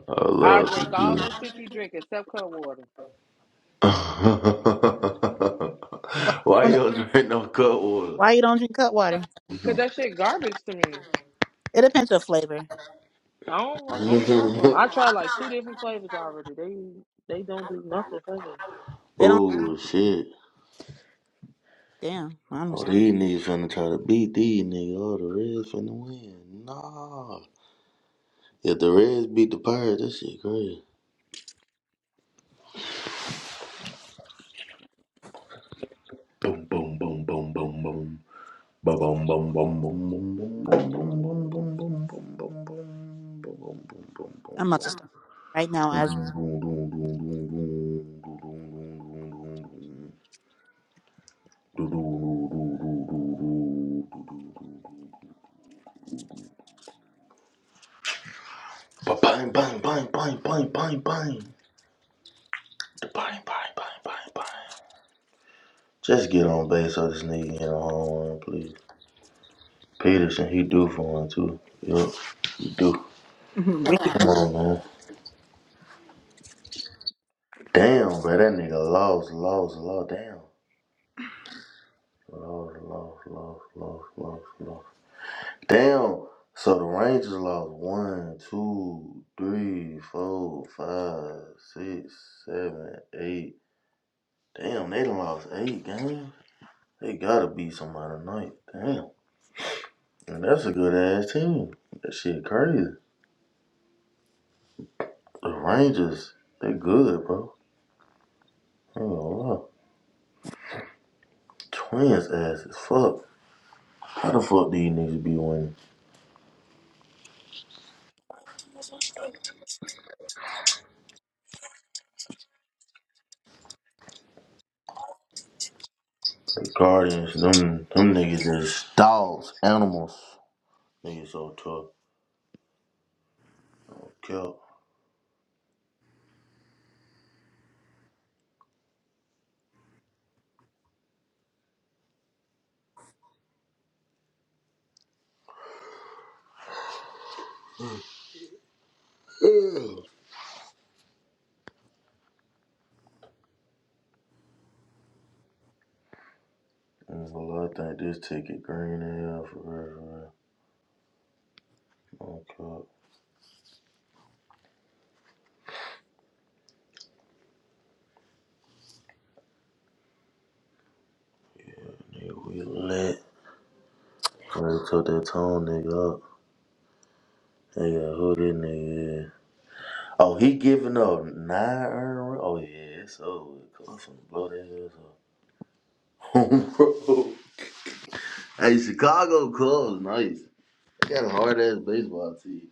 Speaker 2: I
Speaker 10: I
Speaker 2: love
Speaker 10: drink all that
Speaker 2: tequila.
Speaker 10: shit you drink except cut water.
Speaker 5: Why,
Speaker 2: [laughs] Why
Speaker 5: you
Speaker 2: you
Speaker 5: don't-
Speaker 2: don't drink no cut water?
Speaker 5: why you don't drink cut water?
Speaker 10: Cause that shit garbage to me.
Speaker 5: It depends on flavor.
Speaker 10: I don't like. I don't
Speaker 2: [laughs]
Speaker 10: like them. I tried like two different flavors already. They they don't do nothing for me.
Speaker 5: They don't.
Speaker 2: Oh shit.
Speaker 5: Damn, I'm,
Speaker 2: Oh,
Speaker 5: just-
Speaker 2: these niggas finna try to beat these niggas. Oh, the Reds finna win. Nah. If the Reds beat the Pirates, that shit crazy. Boom, boom, boom, boom, boom, boom. Ba boom, boom, boom, boom, boom, boom, boom, boom, boom, boom, boom, boom, boom, boom, boom, boom,
Speaker 5: I'm about to start right now as we.
Speaker 2: boom, boom, boom, boom. Ba-bang, bang, bang, bang, bang, bang, bang. Bang, bang, bang, bang, bang. bang. Just get on base so this nigga can get a home run, please. Peterson, he do for one too. Yup, he do.
Speaker 5: [laughs] wicked.
Speaker 2: Come on, man. Damn, bro, that nigga lost, lost, lost. Damn, lost, lost, lost, lost, lost, lost. Damn. So the Rangers lost one, two, three, four, five, six, seven, eight. Damn, they done lost eight games. They gotta beat somebody tonight. Damn. And that's a good ass team. That shit crazy. The Rangers, they good, bro. I ain't gonna lie. Twins ass as fuck. How the fuck these niggas be winning? The Guardians, them them niggas is dogs, animals. Niggas so tough. No cap. Ugh. There's a think this ticket green as hell for real, for real. No cap. Nigga, we lit. Crazy took that tone nigga up. Nigga, who this nigga is? Oh, he giving up nine earned run- Oh, yeah, it's over. I'm finna blow that ass up. [laughs] bro. Hey, Chicago Cubs, nice. They got a hard ass baseball team.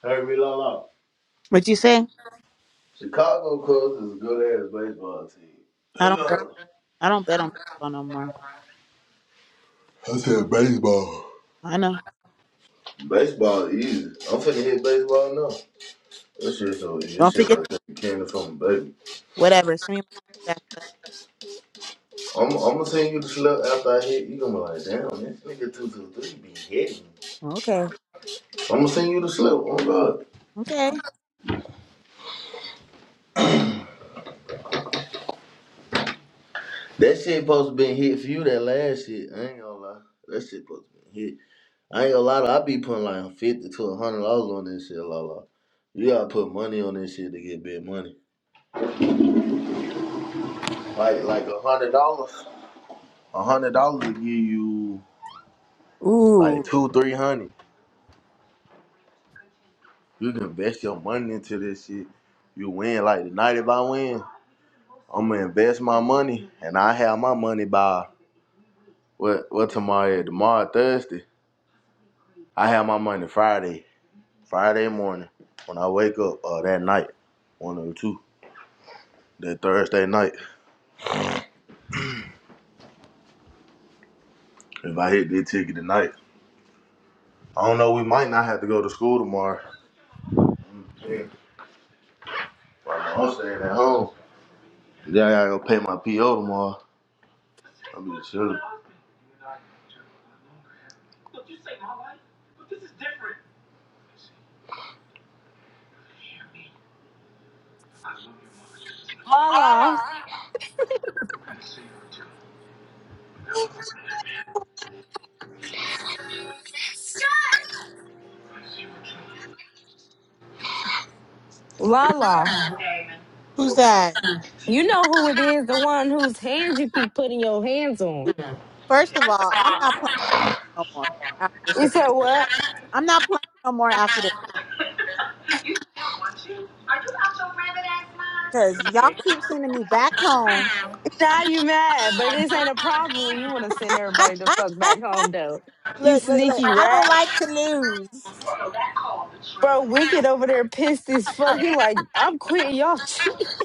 Speaker 2: Heard me, Lala.
Speaker 5: What you say?
Speaker 2: Chicago Cubs is a good ass baseball
Speaker 5: I
Speaker 2: team.
Speaker 5: don't. Bet,
Speaker 2: Ugh.
Speaker 5: I don't bet on baseball no more. I know.
Speaker 2: Baseball is easy. I'm finna hit baseball now. This shit so easy. This
Speaker 5: Don't
Speaker 2: shit like
Speaker 5: forget.
Speaker 2: candy from a baby.
Speaker 5: Whatever. Send me my back.
Speaker 2: I'm, I'm gonna send you the slip after I hit. You gonna be like, damn, this nigga two two three be hitting.
Speaker 5: Okay.
Speaker 2: I'm gonna send you the slip. Oh God,
Speaker 5: Okay.
Speaker 2: that shit supposed to been hit for you. That last shit, I ain't gonna lie. That shit supposed to been hit. I ain't gonna lie, to you, I be putting like fifty to a hundred dollars on this shit, Lala. You gotta put money on this shit to get big money. Like like a hundred dollars. A hundred dollars will give you
Speaker 5: Ooh.
Speaker 2: two, three hundred. You can invest your money into this shit. You win like tonight if I win, I'ma invest my money and I have my money by what what tomorrow is? Tomorrow Thursday. I have my money Friday. Friday morning. When I wake up, uh that night. One or two. That Thursday night. If I hit this ticket tonight. I don't know. We might not have to go to school tomorrow. Yeah, I'm staying at home. Yeah, I gotta go pay my PO tomorrow. I'll be chilling.
Speaker 15: Lala, Lala,
Speaker 5: Who's that?
Speaker 15: you know who it is, the one whose hands you keep putting your hands on.
Speaker 5: First of all, I'm not playing no more after this
Speaker 15: You
Speaker 5: shit's
Speaker 15: said
Speaker 5: over. with.
Speaker 15: what?
Speaker 5: I'm not playing no more after this because y'all keep sending me back home.
Speaker 15: Now you mad, but this ain't a problem when you want to send everybody the fuck back
Speaker 5: [laughs]
Speaker 15: home, though. You
Speaker 5: Look, look, look.
Speaker 15: sneaky
Speaker 5: I don't
Speaker 15: rat.
Speaker 5: like to lose.
Speaker 15: Bro, Wicked over there pissed as fuck. He like, I'm quitting y'all cheat. [laughs]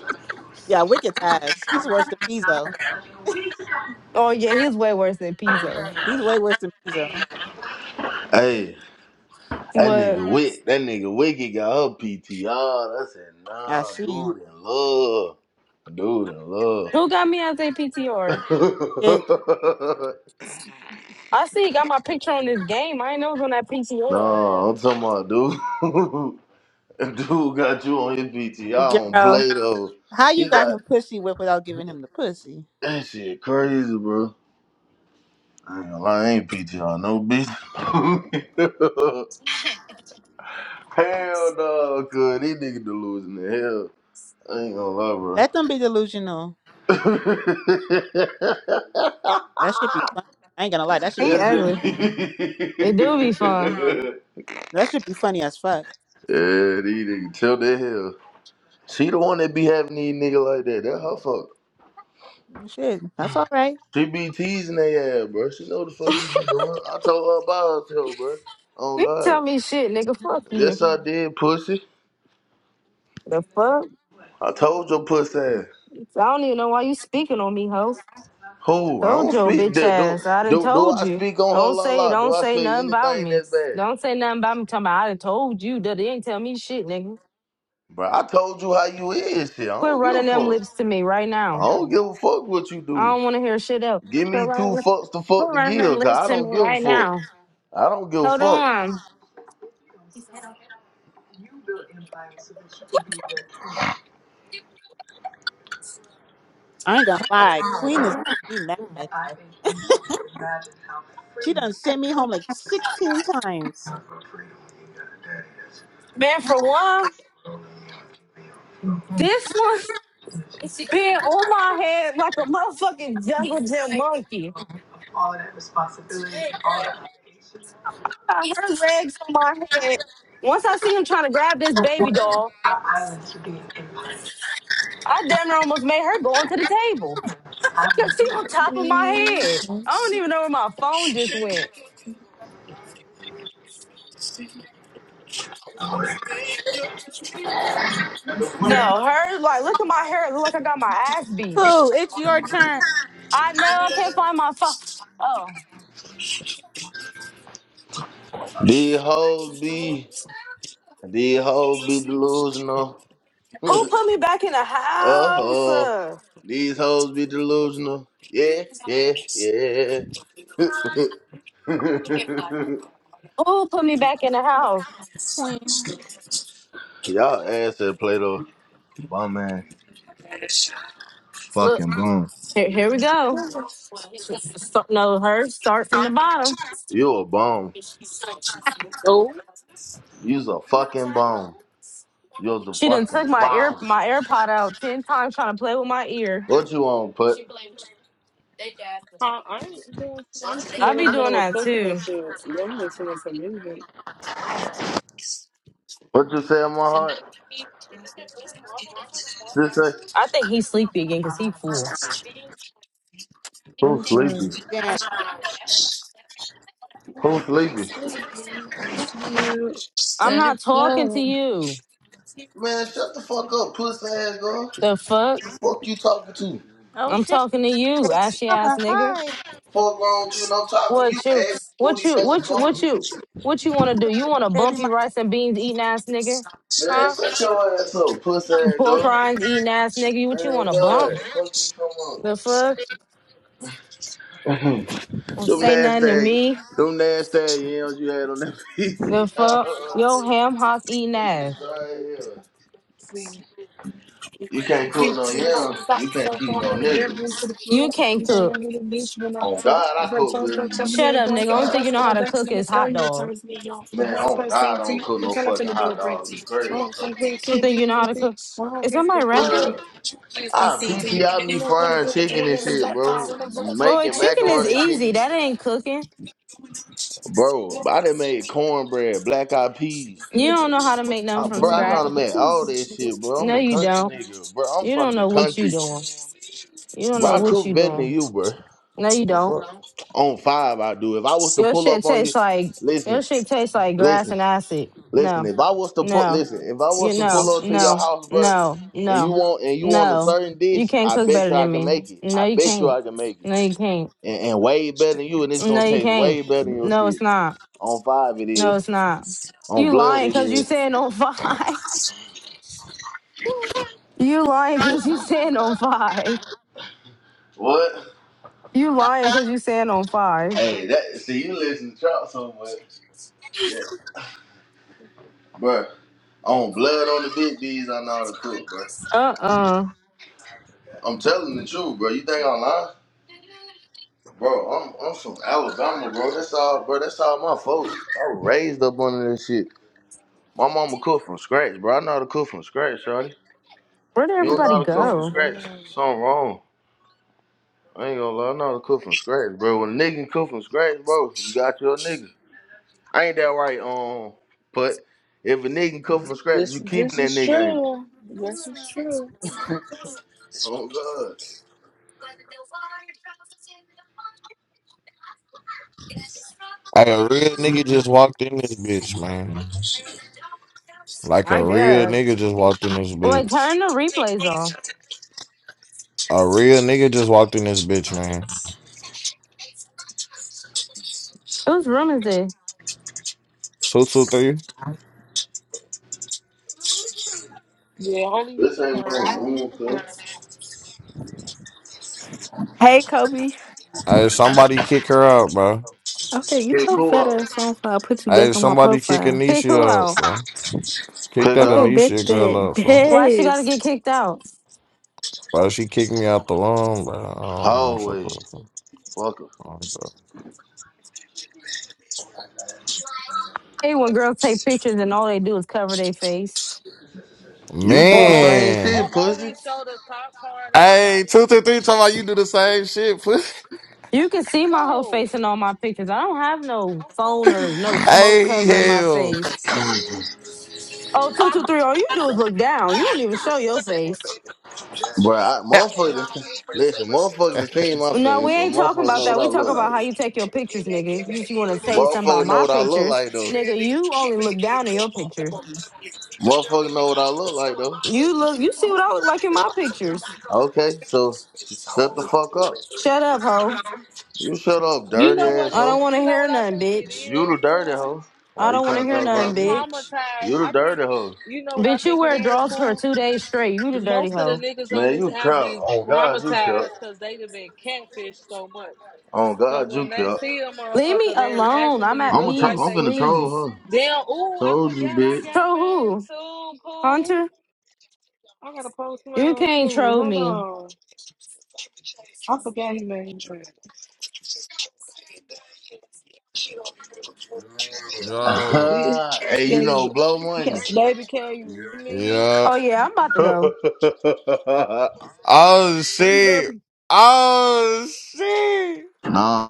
Speaker 5: Yeah, Wicked ties. He's worse than Pizzo.
Speaker 15: Oh, yeah, he's way worse than Pizzo.
Speaker 5: He's way worse than Pizzo.
Speaker 2: Hey, that
Speaker 15: What?
Speaker 2: nigga Wick, that nigga Wicky got her PTR. I said,
Speaker 5: I
Speaker 2: nah,
Speaker 5: see.
Speaker 2: dude in love. Dude in love.
Speaker 15: Who got me as a PTR?
Speaker 2: [laughs]
Speaker 5: It,
Speaker 15: I see he got my picture on this game. I ain't know it was on that PTR.
Speaker 2: nah, I'm talking about dude. [laughs] dude got you on his PTR on
Speaker 5: girl,
Speaker 2: Play Doh.
Speaker 5: how
Speaker 2: He
Speaker 5: you got
Speaker 2: got
Speaker 5: him pussy whipped without giving him the pussy?
Speaker 2: that shit crazy, bro. I ain't gonna lie, I ain't PTR no bitch. [laughs] Hell no, cuz these niggas delusional. Hell, I ain't gonna lie, bro.
Speaker 5: Let them be delusional.
Speaker 2: [laughs]
Speaker 5: That should be funny. I ain't gonna lie. That should
Speaker 15: He
Speaker 5: be
Speaker 2: That's it.
Speaker 15: ugly. It do be
Speaker 2: [laughs]
Speaker 15: fun.
Speaker 5: that should be funny as fuck.
Speaker 2: yeah, these niggas chill the hell. She the one that be having these niggas like that. That her fuck.
Speaker 5: Shit, that's all right.
Speaker 2: She be teasing their ass, bro. She know the fuck she be doing. I told her about herself, bro. Oh
Speaker 15: You can tell
Speaker 2: God.
Speaker 15: me shit, nigga. Fuck you.
Speaker 2: Yes, I did, pussy.
Speaker 15: The fuck?
Speaker 2: I told your pussy ass.
Speaker 15: I don't even know why you speaking on me, ho.
Speaker 2: Who? I
Speaker 15: Told
Speaker 2: don't
Speaker 15: your
Speaker 2: speak
Speaker 15: bitch
Speaker 2: that. Do,
Speaker 15: ass. I done
Speaker 2: do do
Speaker 15: told
Speaker 2: I
Speaker 15: you.
Speaker 2: speak on her
Speaker 15: Don't
Speaker 2: la
Speaker 15: say
Speaker 2: la? Do
Speaker 15: don't
Speaker 2: I
Speaker 15: say
Speaker 2: say
Speaker 15: nothing about
Speaker 2: anything
Speaker 15: me.
Speaker 2: that's bad?
Speaker 15: Don't say nothing about me talking about I done told you that they ain't tell me shit, nigga.
Speaker 2: Bro, I told you how you is. Shit, I
Speaker 15: Quit
Speaker 2: don't give a
Speaker 15: running them
Speaker 2: fuck.
Speaker 15: lips to me right
Speaker 2: I
Speaker 15: now.
Speaker 2: don't give a fuck what you
Speaker 15: I
Speaker 2: do.
Speaker 15: don't wanna hear shit else.
Speaker 2: Give
Speaker 15: Quit
Speaker 2: me
Speaker 15: running,
Speaker 2: two fucks to
Speaker 15: quit
Speaker 2: fuck to
Speaker 15: running them
Speaker 2: give, cause
Speaker 15: lips
Speaker 2: I
Speaker 15: to me
Speaker 2: don't give a
Speaker 15: right
Speaker 2: fuck.
Speaker 15: now.
Speaker 2: I don't give a
Speaker 15: Hold
Speaker 2: fuck.
Speaker 15: on.
Speaker 5: I ain't gonna lie. Queen is making me mad. She done sent me home like sixteen times.
Speaker 15: Man, for one, this one been on my head like a motherfucking jungle gym monkey. I got her legs on my head. Once I see him trying to grab this baby doll, I damn near almost made her go onto the table. [laughs] I could see on top of my head. I don't even know where my phone just went. No, hers. like look at my hair. It look like I got my ass beat.
Speaker 5: Pooh, it's your turn,
Speaker 15: I know I can't find my phone. Oh,
Speaker 2: These hoes be, these hoes be delusional. [laughs] uh
Speaker 15: who put me back in the house?
Speaker 2: huh.
Speaker 15: Uh,
Speaker 2: These hoes be delusional. Yeah, yeah, yeah. [laughs]
Speaker 15: Who put me back in the house?
Speaker 5: Queen.
Speaker 2: Y'all ass at Play Doh. Bum ass. Fucking bum.
Speaker 15: Here, here we go. Well, it's just a Start- No, hers. start from the bottom.
Speaker 2: You a bum.
Speaker 10: So
Speaker 2: You's a fucking bum. You're the
Speaker 15: She done
Speaker 2: fucking
Speaker 15: took my ear
Speaker 2: bomb.
Speaker 15: my AirPod out ten times trying to play with my ear.
Speaker 2: What you want, put?
Speaker 10: I, I ain't doing.
Speaker 15: That's
Speaker 10: I'm
Speaker 15: I
Speaker 10: still
Speaker 15: be
Speaker 10: in
Speaker 15: ridiculous.
Speaker 10: the
Speaker 15: doing
Speaker 10: middle of
Speaker 15: that
Speaker 10: cooking and
Speaker 15: too.
Speaker 10: shit. I'm listening to music.
Speaker 2: What you say in my heart? Just say,
Speaker 15: I think he's sleepy again because he full.
Speaker 10: I'm
Speaker 2: who's
Speaker 10: sorry.
Speaker 2: sleepy?
Speaker 5: Damn.
Speaker 2: Who's sleepy?
Speaker 15: I'm not talking to you.
Speaker 2: Man, shut the fuck up, pussy ass girl.
Speaker 15: The fuck?
Speaker 2: The fuck you talking to?
Speaker 5: Oh
Speaker 15: I'm
Speaker 5: shit,
Speaker 15: talking to you,
Speaker 5: baby
Speaker 15: ashy ass
Speaker 5: mama.
Speaker 15: nigga.
Speaker 5: Hi,
Speaker 2: Fuck wrong with you and I'm talking to you,
Speaker 15: What you?
Speaker 2: ass
Speaker 15: What
Speaker 2: booty
Speaker 15: you? What you? What
Speaker 2: motherfucker.
Speaker 15: you? What you want to do? You want to
Speaker 5: baby
Speaker 15: bumpy
Speaker 5: mama.
Speaker 15: rice and beans eating ass nigga?
Speaker 5: Baby.
Speaker 2: Man,
Speaker 15: Huh?
Speaker 2: shut your ass up, pussy
Speaker 15: You
Speaker 2: ass
Speaker 15: pork
Speaker 2: girl.
Speaker 15: rinds eating ass nigga. You- What you
Speaker 2: Damn
Speaker 15: want to bump?
Speaker 2: God, fuck you come on.
Speaker 15: The fuck? Don't
Speaker 2: Them
Speaker 5: mama.
Speaker 15: say nothing to
Speaker 2: nasty,
Speaker 15: me.
Speaker 2: them nasty yams you had on that
Speaker 15: The
Speaker 2: PC. [laughs]
Speaker 15: fuck? Yo, ham hock eating ass.
Speaker 2: You can't
Speaker 10: See,
Speaker 2: cook no
Speaker 10: two hot
Speaker 2: yams.
Speaker 10: socks so far from the bare room to the floor.
Speaker 15: You can't
Speaker 10: You don't go
Speaker 15: cook.
Speaker 10: under the beach when I'm
Speaker 2: Oh God,
Speaker 10: taught.
Speaker 2: I
Speaker 10: The
Speaker 2: cook,
Speaker 10: toes that not tell me
Speaker 15: Shut
Speaker 10: ain't
Speaker 15: up,
Speaker 10: going to
Speaker 15: nigga.
Speaker 10: see the
Speaker 15: Only thing you
Speaker 10: dust
Speaker 15: know
Speaker 10: for
Speaker 15: how
Speaker 10: my
Speaker 15: to
Speaker 10: dutch.
Speaker 15: cook
Speaker 10: Let me
Speaker 15: is
Speaker 10: tell
Speaker 15: hot
Speaker 10: you what
Speaker 15: dog.
Speaker 10: turns me on. A
Speaker 2: man. I
Speaker 10: boy's first
Speaker 2: don't
Speaker 10: to to you,
Speaker 2: cook
Speaker 10: what
Speaker 2: no
Speaker 10: kind
Speaker 2: fuck.
Speaker 10: of feeling do it bring to you?
Speaker 2: Crazy.
Speaker 10: Oh, my great
Speaker 15: don't
Speaker 10: can't
Speaker 15: think
Speaker 10: be
Speaker 15: you
Speaker 10: an
Speaker 15: know how to
Speaker 10: easy.
Speaker 15: cook.
Speaker 10: My heart
Speaker 15: Is
Speaker 10: can't
Speaker 15: somebody
Speaker 10: be
Speaker 15: rapping?
Speaker 2: Bruh,
Speaker 10: easy. But you please we
Speaker 2: I
Speaker 10: see to you.
Speaker 2: PTI
Speaker 10: And you
Speaker 2: me
Speaker 10: know what it
Speaker 2: frying
Speaker 10: is,
Speaker 2: chicken
Speaker 10: doing
Speaker 2: and
Speaker 10: in
Speaker 2: shit.
Speaker 10: the black car. When I look at top
Speaker 15: Bro,
Speaker 2: Making
Speaker 10: down,
Speaker 15: chicken
Speaker 10: and we
Speaker 15: is
Speaker 2: macaroni,
Speaker 10: drop them
Speaker 15: easy. That ain't cooking.
Speaker 2: bro.
Speaker 10: down.
Speaker 2: I done made cornbread, black eyed peas,
Speaker 10: Just get
Speaker 15: You don't
Speaker 10: away,
Speaker 15: know how to
Speaker 10: just
Speaker 15: make
Speaker 10: wait.
Speaker 15: nothing
Speaker 2: Ah,
Speaker 10: You
Speaker 15: from
Speaker 2: bro.
Speaker 10: can't
Speaker 2: I know
Speaker 10: hide
Speaker 15: scratch.
Speaker 10: it,
Speaker 2: that-
Speaker 10: please
Speaker 2: all
Speaker 10: don't
Speaker 2: that
Speaker 10: get away.
Speaker 2: shit, bro. I'm
Speaker 15: No,
Speaker 2: a
Speaker 15: you
Speaker 2: country
Speaker 15: don't.
Speaker 2: nigga, bro. I'm
Speaker 15: You
Speaker 2: from
Speaker 15: don't
Speaker 2: the
Speaker 15: know what you
Speaker 2: country,
Speaker 15: doing. You don't
Speaker 2: bro.
Speaker 15: know
Speaker 2: I
Speaker 15: what
Speaker 2: cook
Speaker 15: you
Speaker 2: better than
Speaker 15: doing.
Speaker 2: you, bro.
Speaker 15: No, you
Speaker 2: The
Speaker 15: don't.
Speaker 2: fuck? On five, I do. If I was to
Speaker 15: Your
Speaker 2: pull
Speaker 15: shit
Speaker 2: up on
Speaker 15: tastes
Speaker 2: you,
Speaker 15: like your
Speaker 2: listen,
Speaker 15: shit tastes like grass
Speaker 2: listen,
Speaker 15: and acid.
Speaker 2: listen.
Speaker 15: No,
Speaker 2: If I was to put,
Speaker 15: no,
Speaker 2: listen, if I
Speaker 15: you
Speaker 2: was to pull
Speaker 15: no,
Speaker 2: up to your
Speaker 15: no,
Speaker 2: house, bro,
Speaker 15: no,
Speaker 2: and you
Speaker 15: no,
Speaker 2: want and you want a
Speaker 15: no.
Speaker 2: certain
Speaker 15: You
Speaker 2: dish,
Speaker 15: can't
Speaker 2: I
Speaker 15: cook
Speaker 2: bet
Speaker 15: better
Speaker 2: you I
Speaker 15: than
Speaker 2: can
Speaker 15: me.
Speaker 2: make it.
Speaker 15: No,
Speaker 2: I
Speaker 15: you
Speaker 2: bet you
Speaker 15: can't.
Speaker 2: I can make it.
Speaker 15: No, you can't.
Speaker 2: and, and way better than you, and it's
Speaker 15: No,
Speaker 2: gonna
Speaker 15: you
Speaker 2: taste
Speaker 15: can't.
Speaker 2: way better than your
Speaker 15: No, it's
Speaker 2: shit.
Speaker 15: not.
Speaker 2: On five it
Speaker 15: No,
Speaker 2: is.
Speaker 15: it's not.
Speaker 2: On
Speaker 15: You
Speaker 2: blood
Speaker 15: lying
Speaker 2: it
Speaker 15: because you
Speaker 2: is.
Speaker 15: saying on five. [laughs] You lying because you saying on five.
Speaker 2: What?
Speaker 15: You lying because you saying on five.
Speaker 2: Hey, that see you listen to Trump so much. Yeah. Bruh. On blood on the big D's, I know how to cook, bro.
Speaker 15: Uh uh
Speaker 2: I'm telling the truth, bro. You think I'm lying? Bro, I'm I'm from Alabama, bro. That's all bro, that's all my folks. I was raised up under this shit. My mama cooked from scratch, bro. I know how to cook from scratch, Shorty.
Speaker 15: Where did
Speaker 2: You don't know
Speaker 15: everybody
Speaker 2: how to cook
Speaker 10: Oh,
Speaker 2: from
Speaker 15: go?
Speaker 10: my
Speaker 2: scratch.
Speaker 10: God.
Speaker 2: Something wrong. I ain't gonna lie, I know how to cook from scratch, bro. When a nigga can cook from scratch, bro, you got your nigga. I ain't that right, um, but if a nigga can cook from scratch,
Speaker 10: This
Speaker 2: you
Speaker 10: this is true. This is true.
Speaker 2: can. [laughs] Oh, God.
Speaker 16: Hey, a real nigga just walked in this bitch, man. Like a
Speaker 10: I
Speaker 16: real
Speaker 10: guess.
Speaker 16: nigga just walked in this
Speaker 15: Wait,
Speaker 16: bitch.
Speaker 15: turn the replays off.
Speaker 16: A real nigga just walked in this bitch, man.
Speaker 15: Whose room is this?
Speaker 16: Two, two, three.
Speaker 10: Yeah, only he
Speaker 2: This
Speaker 10: could
Speaker 2: ain't
Speaker 10: turn
Speaker 2: wrong.
Speaker 10: them off.
Speaker 2: Come on, cuz.
Speaker 17: Hey, Kobe.
Speaker 16: Hey, somebody kick her out, bro.
Speaker 17: Okay, get
Speaker 2: Pick
Speaker 17: your
Speaker 2: who
Speaker 17: fat
Speaker 2: up.
Speaker 17: ass on fire. I'll put you back
Speaker 16: Hey,
Speaker 17: on my
Speaker 16: somebody kick
Speaker 17: profile.
Speaker 15: Kick who
Speaker 16: Anisha out,
Speaker 15: out?
Speaker 16: bro. Kick
Speaker 2: Pick
Speaker 16: that
Speaker 2: her
Speaker 17: Okay,
Speaker 2: up.
Speaker 17: bet
Speaker 16: Anisha girl
Speaker 17: that. [laughs]
Speaker 16: out, bro.
Speaker 15: Why she gotta
Speaker 17: Bet.
Speaker 15: get kicked out?
Speaker 16: Bro, she kicked me out the room, bro. Oh, man, fuck her,
Speaker 2: Hallway.
Speaker 16: fuck her.
Speaker 2: Fuck her.
Speaker 16: Oh, God.
Speaker 15: Hey, when girls take pictures and all they do is cover their face.
Speaker 2: You do
Speaker 10: Or
Speaker 2: the
Speaker 10: only
Speaker 2: same
Speaker 16: Man.
Speaker 10: or
Speaker 2: shit, puss.
Speaker 10: only show the top part of their
Speaker 16: Hey,
Speaker 10: body.
Speaker 16: two, two, three, talking about you do the same shit, pussy.
Speaker 15: You can see my whole
Speaker 10: Oh,
Speaker 15: face in all my pictures. I don't have no
Speaker 10: I'm
Speaker 16: [laughs]
Speaker 15: phone or
Speaker 10: close.
Speaker 15: no smoke
Speaker 16: hey, he
Speaker 15: covering my
Speaker 16: hell.
Speaker 15: face. Oh, two, two, three. All you do is look down. You don't even show your face.
Speaker 2: Bro, I, motherfucker, done- [laughs] listen, motherfucker done
Speaker 16: [laughs]
Speaker 2: seen my
Speaker 15: No, we
Speaker 2: face, so
Speaker 15: ain't talking
Speaker 2: motherfucker
Speaker 15: about
Speaker 2: know what
Speaker 15: that.
Speaker 2: I
Speaker 15: We talking
Speaker 2: look
Speaker 15: about how you take your pictures, nigga. Because you want to
Speaker 2: like.
Speaker 15: say something
Speaker 2: Motherfucker
Speaker 15: about
Speaker 2: know
Speaker 15: my
Speaker 2: what I look
Speaker 15: pictures,
Speaker 2: like, though.
Speaker 15: nigga. You only look down at your pictures.
Speaker 2: Motherfucker know what I look like, though.
Speaker 15: You look, you see what I look like in my pictures.
Speaker 2: Okay, so shut the fuck up.
Speaker 15: Shut up, hoe.
Speaker 2: You shut up,
Speaker 10: You
Speaker 2: dirty
Speaker 10: know what
Speaker 15: I
Speaker 10: it
Speaker 15: don't
Speaker 10: is?
Speaker 15: want
Speaker 10: You
Speaker 15: to
Speaker 10: know
Speaker 15: hear
Speaker 10: what I
Speaker 15: nothing,
Speaker 10: think it
Speaker 15: bitch.
Speaker 2: You
Speaker 10: is,
Speaker 2: the dirty
Speaker 10: Pooh?
Speaker 2: hoe.
Speaker 15: I
Speaker 2: Why you
Speaker 15: don't want
Speaker 10: I
Speaker 15: to
Speaker 2: trying to
Speaker 15: hear
Speaker 2: talk
Speaker 10: think
Speaker 15: nothing,
Speaker 10: they
Speaker 2: about me?
Speaker 15: bitch.
Speaker 10: traumatized.
Speaker 2: You the
Speaker 10: I think
Speaker 2: dirty hoe.
Speaker 10: you know what I
Speaker 15: Bitch, you
Speaker 10: think it
Speaker 15: wear
Speaker 10: is,
Speaker 15: drawers for
Speaker 10: Pooh?
Speaker 15: two days straight. You the dirty
Speaker 10: Most of the
Speaker 15: hoe.
Speaker 10: niggas on
Speaker 2: Man,
Speaker 10: this
Speaker 2: you
Speaker 10: app
Speaker 2: crap.
Speaker 10: be
Speaker 2: Oh God, you,
Speaker 10: traumatized because they done been catfished so much.
Speaker 2: oh
Speaker 10: So
Speaker 2: God, you
Speaker 10: when they
Speaker 2: crap.
Speaker 10: see a
Speaker 15: Leave me
Speaker 10: motherfucker that
Speaker 15: alone. I'm
Speaker 10: actually
Speaker 15: at
Speaker 2: I'm a
Speaker 10: look
Speaker 2: tro-
Speaker 10: like
Speaker 15: peace,
Speaker 2: I'm
Speaker 10: they
Speaker 2: finna
Speaker 10: pictures,
Speaker 15: please.
Speaker 2: troll her.
Speaker 10: damn, ooh, I
Speaker 2: Told you,
Speaker 10: forgot I
Speaker 2: bitch.
Speaker 10: got
Speaker 15: Troll
Speaker 10: mine
Speaker 15: who?
Speaker 10: too, cool.
Speaker 15: Hunter?
Speaker 10: I gotta post
Speaker 15: You
Speaker 10: mine
Speaker 15: can't
Speaker 10: too.
Speaker 15: troll
Speaker 10: Hold
Speaker 15: me.
Speaker 10: on. I forgot he made
Speaker 16: Yo.
Speaker 10: he
Speaker 2: [laughs] hey, you
Speaker 10: gave
Speaker 2: know, blow money.
Speaker 10: baby cave me.
Speaker 16: Yeah.
Speaker 15: Oh yeah, I'm about to go.
Speaker 2: [laughs]
Speaker 16: Oh
Speaker 18: Where are you about to
Speaker 16: shit. Oh shit.
Speaker 2: nah.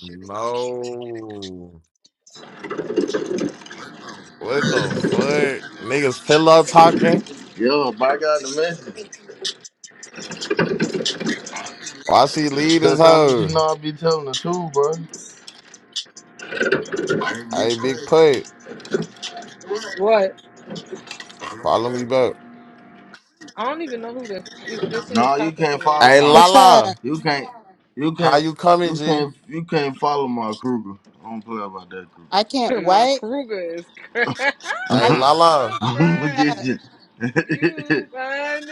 Speaker 16: No. What the fuck? Niggas pillow talking.
Speaker 2: Yo, by God, the message.
Speaker 16: Why she leave this
Speaker 2: Cause I'm, you
Speaker 16: hoe?
Speaker 2: know I be telling the truth, bro.
Speaker 16: Hey, big put.
Speaker 10: What?
Speaker 16: Follow me back.
Speaker 10: I don't even know who this if this is
Speaker 2: Nah, you
Speaker 10: talking to
Speaker 2: can't
Speaker 10: me.
Speaker 2: follow
Speaker 16: Hey,
Speaker 2: my.
Speaker 5: What's up?
Speaker 16: Lala.
Speaker 2: You can't. You
Speaker 16: How
Speaker 2: can't.
Speaker 16: you coming,
Speaker 2: You
Speaker 16: G?
Speaker 2: can't. You can't follow my Kruger. I don't play about
Speaker 5: I can't
Speaker 10: [laughs] My
Speaker 5: wait.
Speaker 10: Kruger is crying.
Speaker 5: I
Speaker 16: Hey,
Speaker 10: [laughs] I'm
Speaker 16: Lala.
Speaker 5: uh,
Speaker 10: crying.
Speaker 2: that Kruger.
Speaker 10: You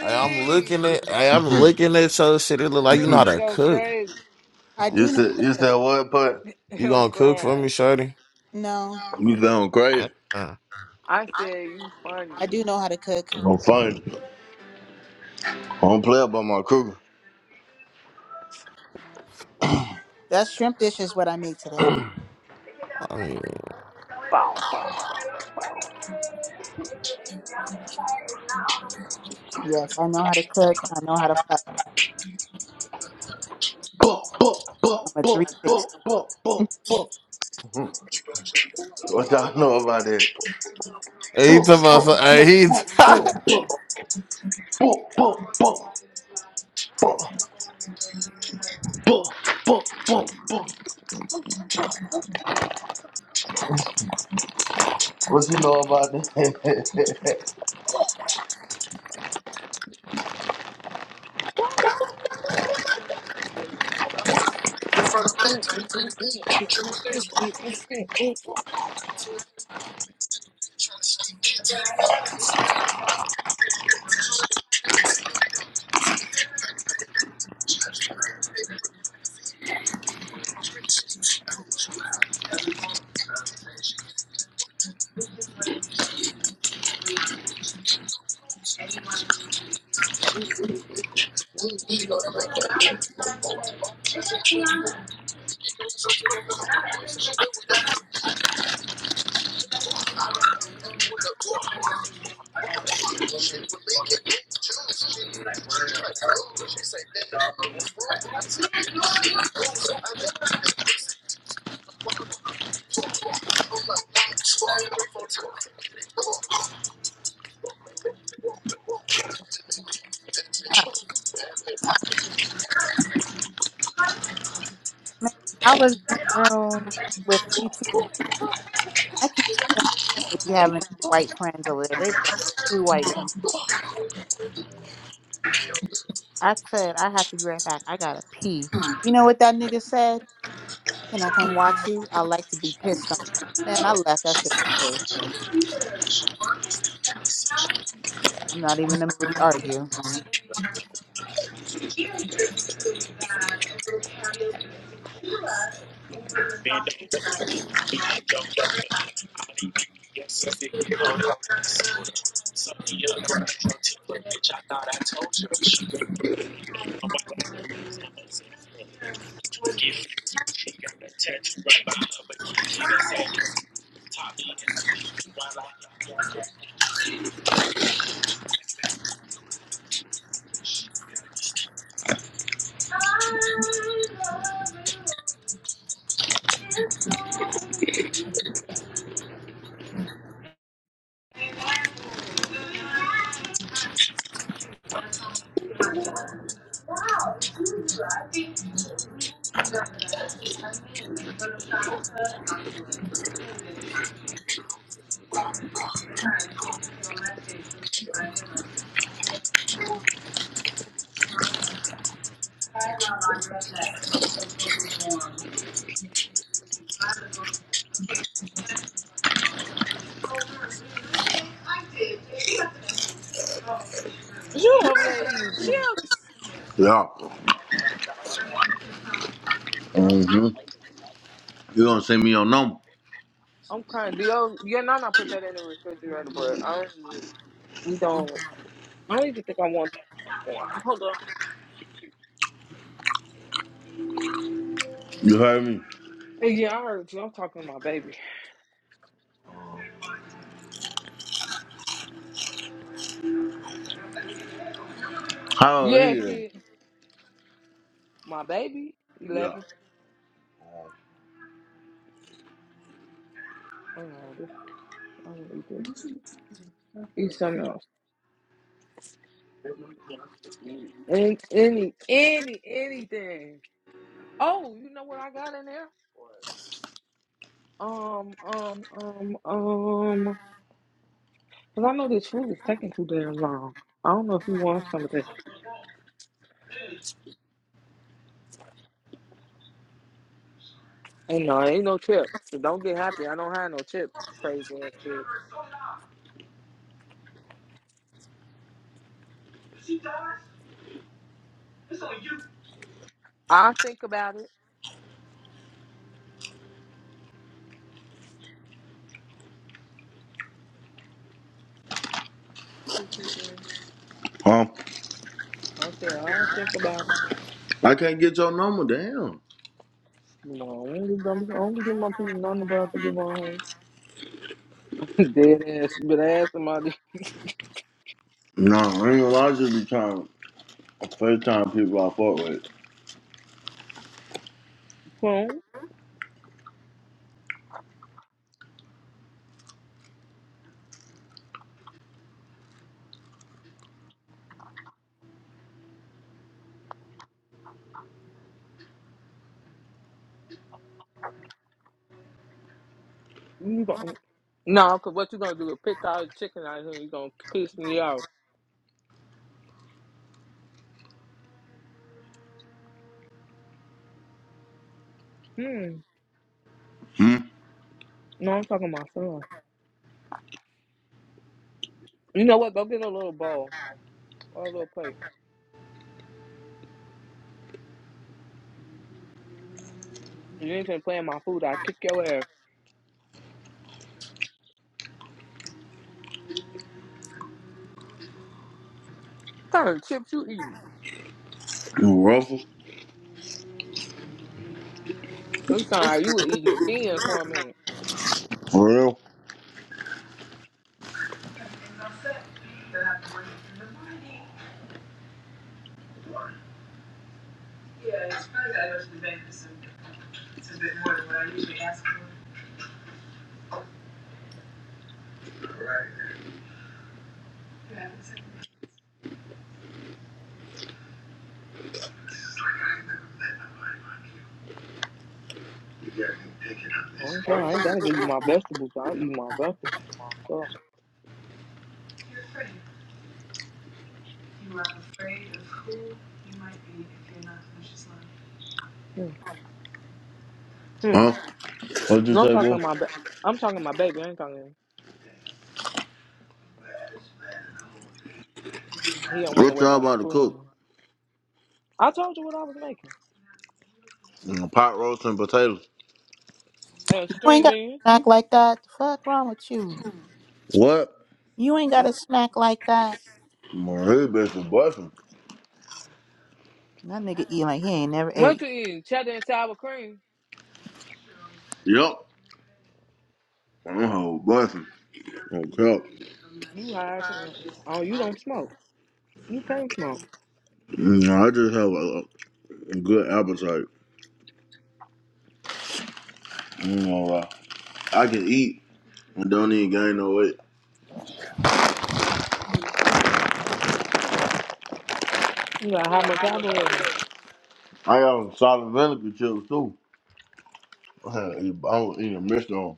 Speaker 16: Hey, I'm looking at, hey, I'm looking at your shit. It look like you
Speaker 2: [laughs]
Speaker 16: know how
Speaker 10: Kruger
Speaker 16: to
Speaker 10: go
Speaker 16: cook.
Speaker 10: crazy.
Speaker 5: I
Speaker 16: Oh,
Speaker 2: You
Speaker 5: do know
Speaker 2: said
Speaker 5: how
Speaker 2: you
Speaker 5: to cook.
Speaker 2: said what put?
Speaker 10: [laughs]
Speaker 16: You
Speaker 10: I'm
Speaker 16: gonna cook for
Speaker 10: crying.
Speaker 16: me, shorty?
Speaker 5: No,
Speaker 2: You sound crazy.
Speaker 16: Uh,
Speaker 10: I said you
Speaker 5: I
Speaker 10: funny.
Speaker 5: do know how to cook.
Speaker 2: I'm funny. I don't play about my crew.
Speaker 5: That shrimp dish is what I made today.
Speaker 16: I mean,
Speaker 10: Bow, bow, bow, bow.
Speaker 5: Yes, I know how to cook. I know how to fry.
Speaker 2: Buh, buh, buh,
Speaker 5: I'm a
Speaker 2: buh,
Speaker 5: three
Speaker 2: buh,
Speaker 5: six.
Speaker 2: buh, buh, buh. What y'all know about that?
Speaker 16: he
Speaker 2: Buh,
Speaker 16: talking about,
Speaker 2: buh,
Speaker 16: so- hey,
Speaker 2: buh, buh,
Speaker 16: he,
Speaker 2: buh,
Speaker 16: [laughs]
Speaker 2: buh, buh, buh, buh, buh, buh, buh, buh, buh. What you know about that?
Speaker 5: Ah, man, I was in the room with TT. I can't believe be having white friends over there. They be having two white friends. I said I have to be right back. I gotta pee. You know what that nigga said? Can I come watch you? I like to be pissed on. Man, I left that shit real quick. I'm not even in the mood to argue.
Speaker 10: You over there eating chips?
Speaker 2: [laughs] yeah.
Speaker 10: Huh?
Speaker 2: hmm You gonna send me your number?
Speaker 10: I'm kind of. Do you Yeah, your nana put that in the refrigerator? But I don't. like, We don't. I don't even think I want
Speaker 2: You heard me?
Speaker 10: that. Hey, Yeah, I heard you. I'm talking to my baby.
Speaker 2: How old he?
Speaker 10: Yeah,
Speaker 2: is?
Speaker 10: kid. My baby,
Speaker 2: Yeah.
Speaker 10: eleven. Oh no, this. I want to eat this. Eat something else. Any, any, any, anything. Oh, you know what I got in there? Um, um, um, um. Cause I know this food is taking too damn long. I don't know if you want some of this. Ain't no, ain't no chip. So don't get happy. I don't have no chip. Crazy ass kid. I think about it. Two, two, three.
Speaker 2: Huh?
Speaker 10: I said I think about it.
Speaker 2: I can't get your number. Damn.
Speaker 10: No, I ain't just gonna, be- I don't give my people nothing about the good one. [laughs] Dead ass. You better ask somebody. [laughs]
Speaker 2: No, I ain't gonna lie. I just be trying. It's the First time people I fought with.
Speaker 10: Hmm? You gon- No, cause what you gonna do? is Pick out chicken out here? You gonna piss me off? Hmm.
Speaker 2: Hmm?
Speaker 10: No, I'm talking to my son. You know what? Go get a little bowl or a little plate. If you ain't finna play in my food, I kick your ass. What kind of chips you eating?
Speaker 2: You Ruffles?
Speaker 10: I'm sorry, you were eating skins for a minute.
Speaker 2: For real?
Speaker 10: I ain't, saying I ain't gotta give you my vegetables. I eat my vegetables myself. Hmm. Hmm.
Speaker 2: Huh? What'd you
Speaker 10: No, I'm
Speaker 2: say, boy?
Speaker 10: talking my ba- I'm talking my baby. I ain't talking. He don't want to
Speaker 2: What
Speaker 10: wait
Speaker 2: y'all
Speaker 10: on the
Speaker 2: about to
Speaker 10: food. Right
Speaker 2: cook?
Speaker 10: now. I told you what I was making.
Speaker 2: Mm, Pot roast and potatoes.
Speaker 10: And
Speaker 5: You ain't
Speaker 10: string
Speaker 5: got
Speaker 10: beans.
Speaker 5: a smack like that. The fuck wrong with you?
Speaker 2: What?
Speaker 5: You ain't got a
Speaker 10: Oh,
Speaker 5: smack like that.
Speaker 2: Man, his bitch was busting.
Speaker 5: That nigga eat like he ain't never ate.
Speaker 10: munchie eating cheddar and sour cream.
Speaker 2: Yup. I'm a whole busting. Oh, crap.
Speaker 10: You high as hell. Oh, you don't smoke. You can't smoke.
Speaker 2: Mm, I just have a, a good appetite. You know, uh, I can eat and don't even gain no weight.
Speaker 10: You got high metabolism.
Speaker 2: I got some solid vinegar chips, too. I'm gonna eat a mixture on.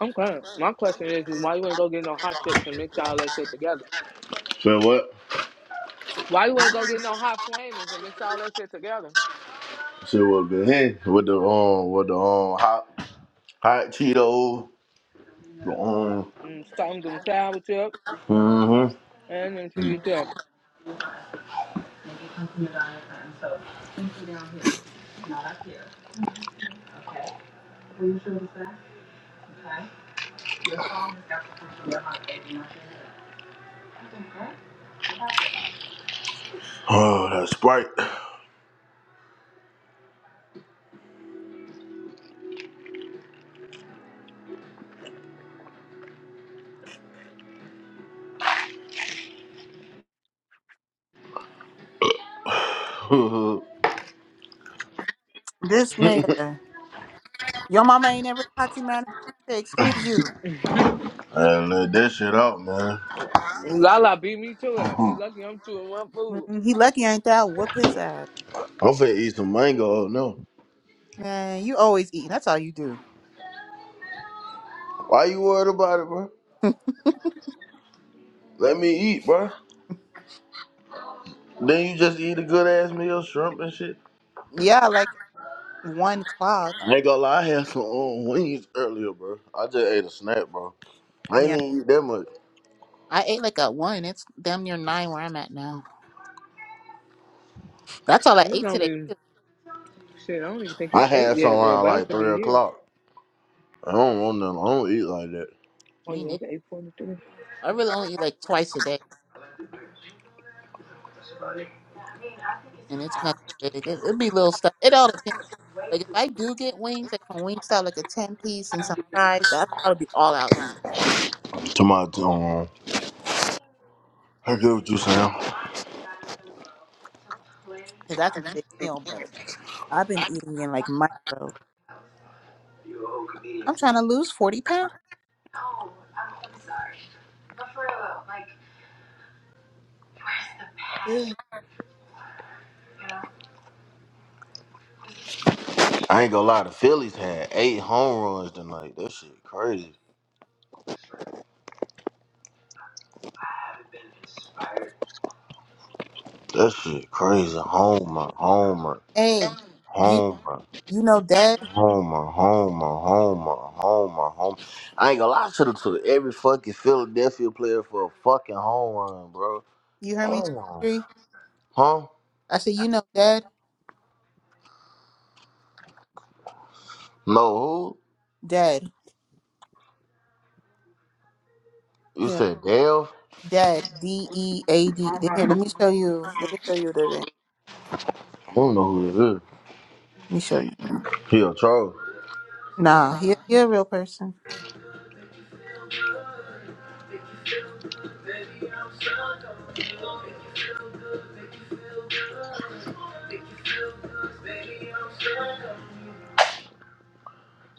Speaker 10: Okay. My question is, is why you ain't go get no hot chips and mix all that shit together?
Speaker 2: Say what?
Speaker 10: Why you ain't go get no hot flamers and mix all that shit together?
Speaker 2: Say what, man? Hey, with the um, with the um, hot hot Cheetos Mm-hmm.
Speaker 10: Mm, stone doing sour chips.
Speaker 2: Mm-hmm.
Speaker 10: and unto you too.
Speaker 2: Oh, that Sprite.
Speaker 5: This nigga, your mama ain't never taught you manners. Say, Excuse you.
Speaker 2: [laughs] and let that shit out, man.
Speaker 10: Lala beat me to it. He's lucky I'm chewing my food.
Speaker 5: Mm, He lucky ain't that. Whoop his ass,
Speaker 2: I'm finna eat some mango. No.
Speaker 5: man. You always eating. That's all you do.
Speaker 2: Why you worried about it, bro? Let me eat, bro. Then you just eat a good ass meal, shrimp and shit.
Speaker 5: Yeah, like one o'clock.
Speaker 2: I ain't gonna lie, I had some um, wings earlier, bro. I just ate a snack, bro. I ain't
Speaker 5: Yeah,
Speaker 2: even eat that much.
Speaker 5: I ate like at one. It's damn near nine where I'm at now. That's all I
Speaker 10: And It's
Speaker 5: ate today.
Speaker 10: only
Speaker 5: Too.
Speaker 10: shit. I don't even think he's
Speaker 2: I
Speaker 10: eight
Speaker 2: had some
Speaker 10: yet, or
Speaker 2: around
Speaker 10: about to be
Speaker 2: the
Speaker 10: here.
Speaker 2: clock. I don't want nothing. I don't eat like that.
Speaker 10: Oh
Speaker 5: Me
Speaker 10: yeah,
Speaker 5: neither.
Speaker 10: it's eight forty-three.
Speaker 5: I really only eat like twice a day, and it's nothing big. It, it'd be little stuff. It all depends. Like if I do get wings, like from Wingstop, like a ten piece and some fries, that's probably all I'll eat
Speaker 2: To my um, I get what you saying.
Speaker 5: because that's a big meal. But I've been eating in like micro. I'm trying to lose forty pounds. Ugh.
Speaker 2: I ain't gonna lie, the Phillies had eight home runs tonight. That shit crazy. That shit crazy. Homer, Homer,
Speaker 5: Hey, you
Speaker 2: Homer,
Speaker 5: you know dead?
Speaker 2: Homer, Homer, Homer, Homer, Homer. I ain't gonna lie, I should have took every fucking Philadelphia player for a fucking home run, bro.
Speaker 5: You heard me two
Speaker 2: Damn.
Speaker 5: three?
Speaker 2: Huh?
Speaker 5: I said you know dead,
Speaker 2: No, who?
Speaker 5: dead
Speaker 2: You
Speaker 5: here,
Speaker 2: said Dale?
Speaker 5: dead D E A D. Here, let me show you. Let me show you the thing.
Speaker 2: I don't know who that is.
Speaker 5: Let me show you.
Speaker 2: He a troll.
Speaker 5: Nah, he he a real person.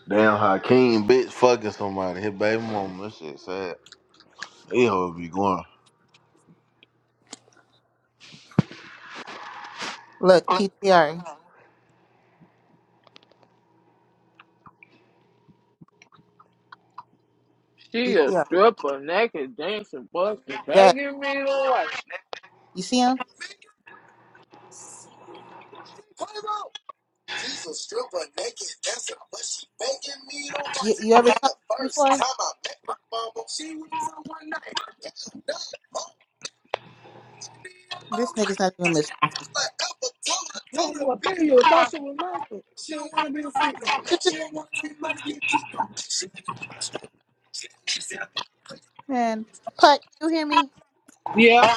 Speaker 2: Damn Hakeem, bitch, fucking somebody. His baby mama. That shit sad. He hoe be going.
Speaker 5: Look, P T R. E. P
Speaker 10: She a
Speaker 5: T R. E.
Speaker 10: stripper, naked, dancing, busting,
Speaker 5: dead.
Speaker 10: begging me to watch.
Speaker 5: You see him? You you ever talked to him before? This nigga's not even listening. Man, putt, you hear me?
Speaker 10: Yeah.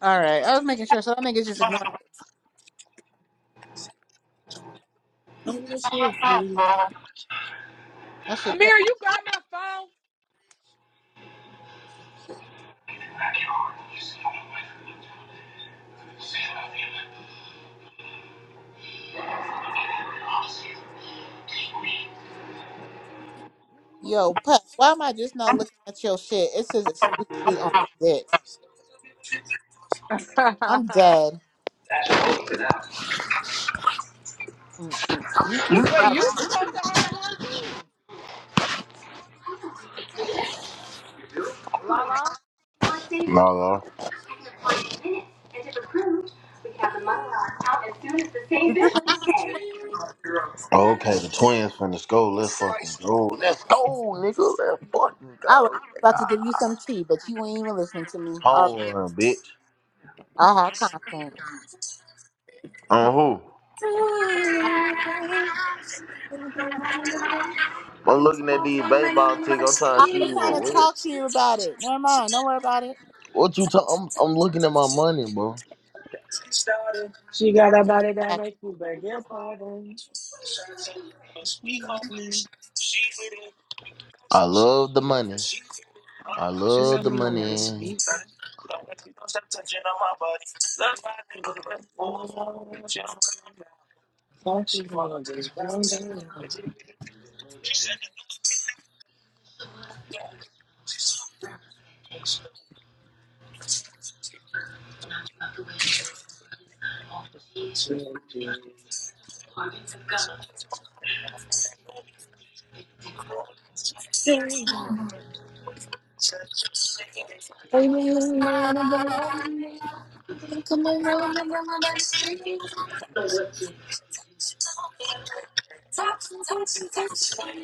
Speaker 5: All right, I was making sure. So that nigga's just ignoring me.
Speaker 10: She was a shit
Speaker 5: That shit crazy.
Speaker 10: Amir, you got my phone.
Speaker 5: Yo, putt, why am I just not looking at your shit? It says exclusively on the dick. I'm dead. Mm, You freaked
Speaker 10: Wait,
Speaker 5: out.
Speaker 10: you supposed to have one too.
Speaker 2: Lala.
Speaker 5: Did you? get-
Speaker 2: Okay, the twins from the school. Let's fucking go. Let's go, nigga. Let's fucking
Speaker 5: I
Speaker 2: go.
Speaker 5: was
Speaker 2: Nigga.
Speaker 5: about to give you some tea, but you ain't even listening to me. I,
Speaker 2: Home run, bitch.
Speaker 5: I had content.
Speaker 2: On who? I'm looking at these baby all the time.
Speaker 5: I
Speaker 2: Shit.
Speaker 5: was trying to talk to you about it. Never mind. Don't worry about it.
Speaker 2: What you talking? I'm, I'm looking at my money, bro.
Speaker 10: She got a body that makes you beg your pardon.
Speaker 2: I love the money. I love
Speaker 10: [laughs]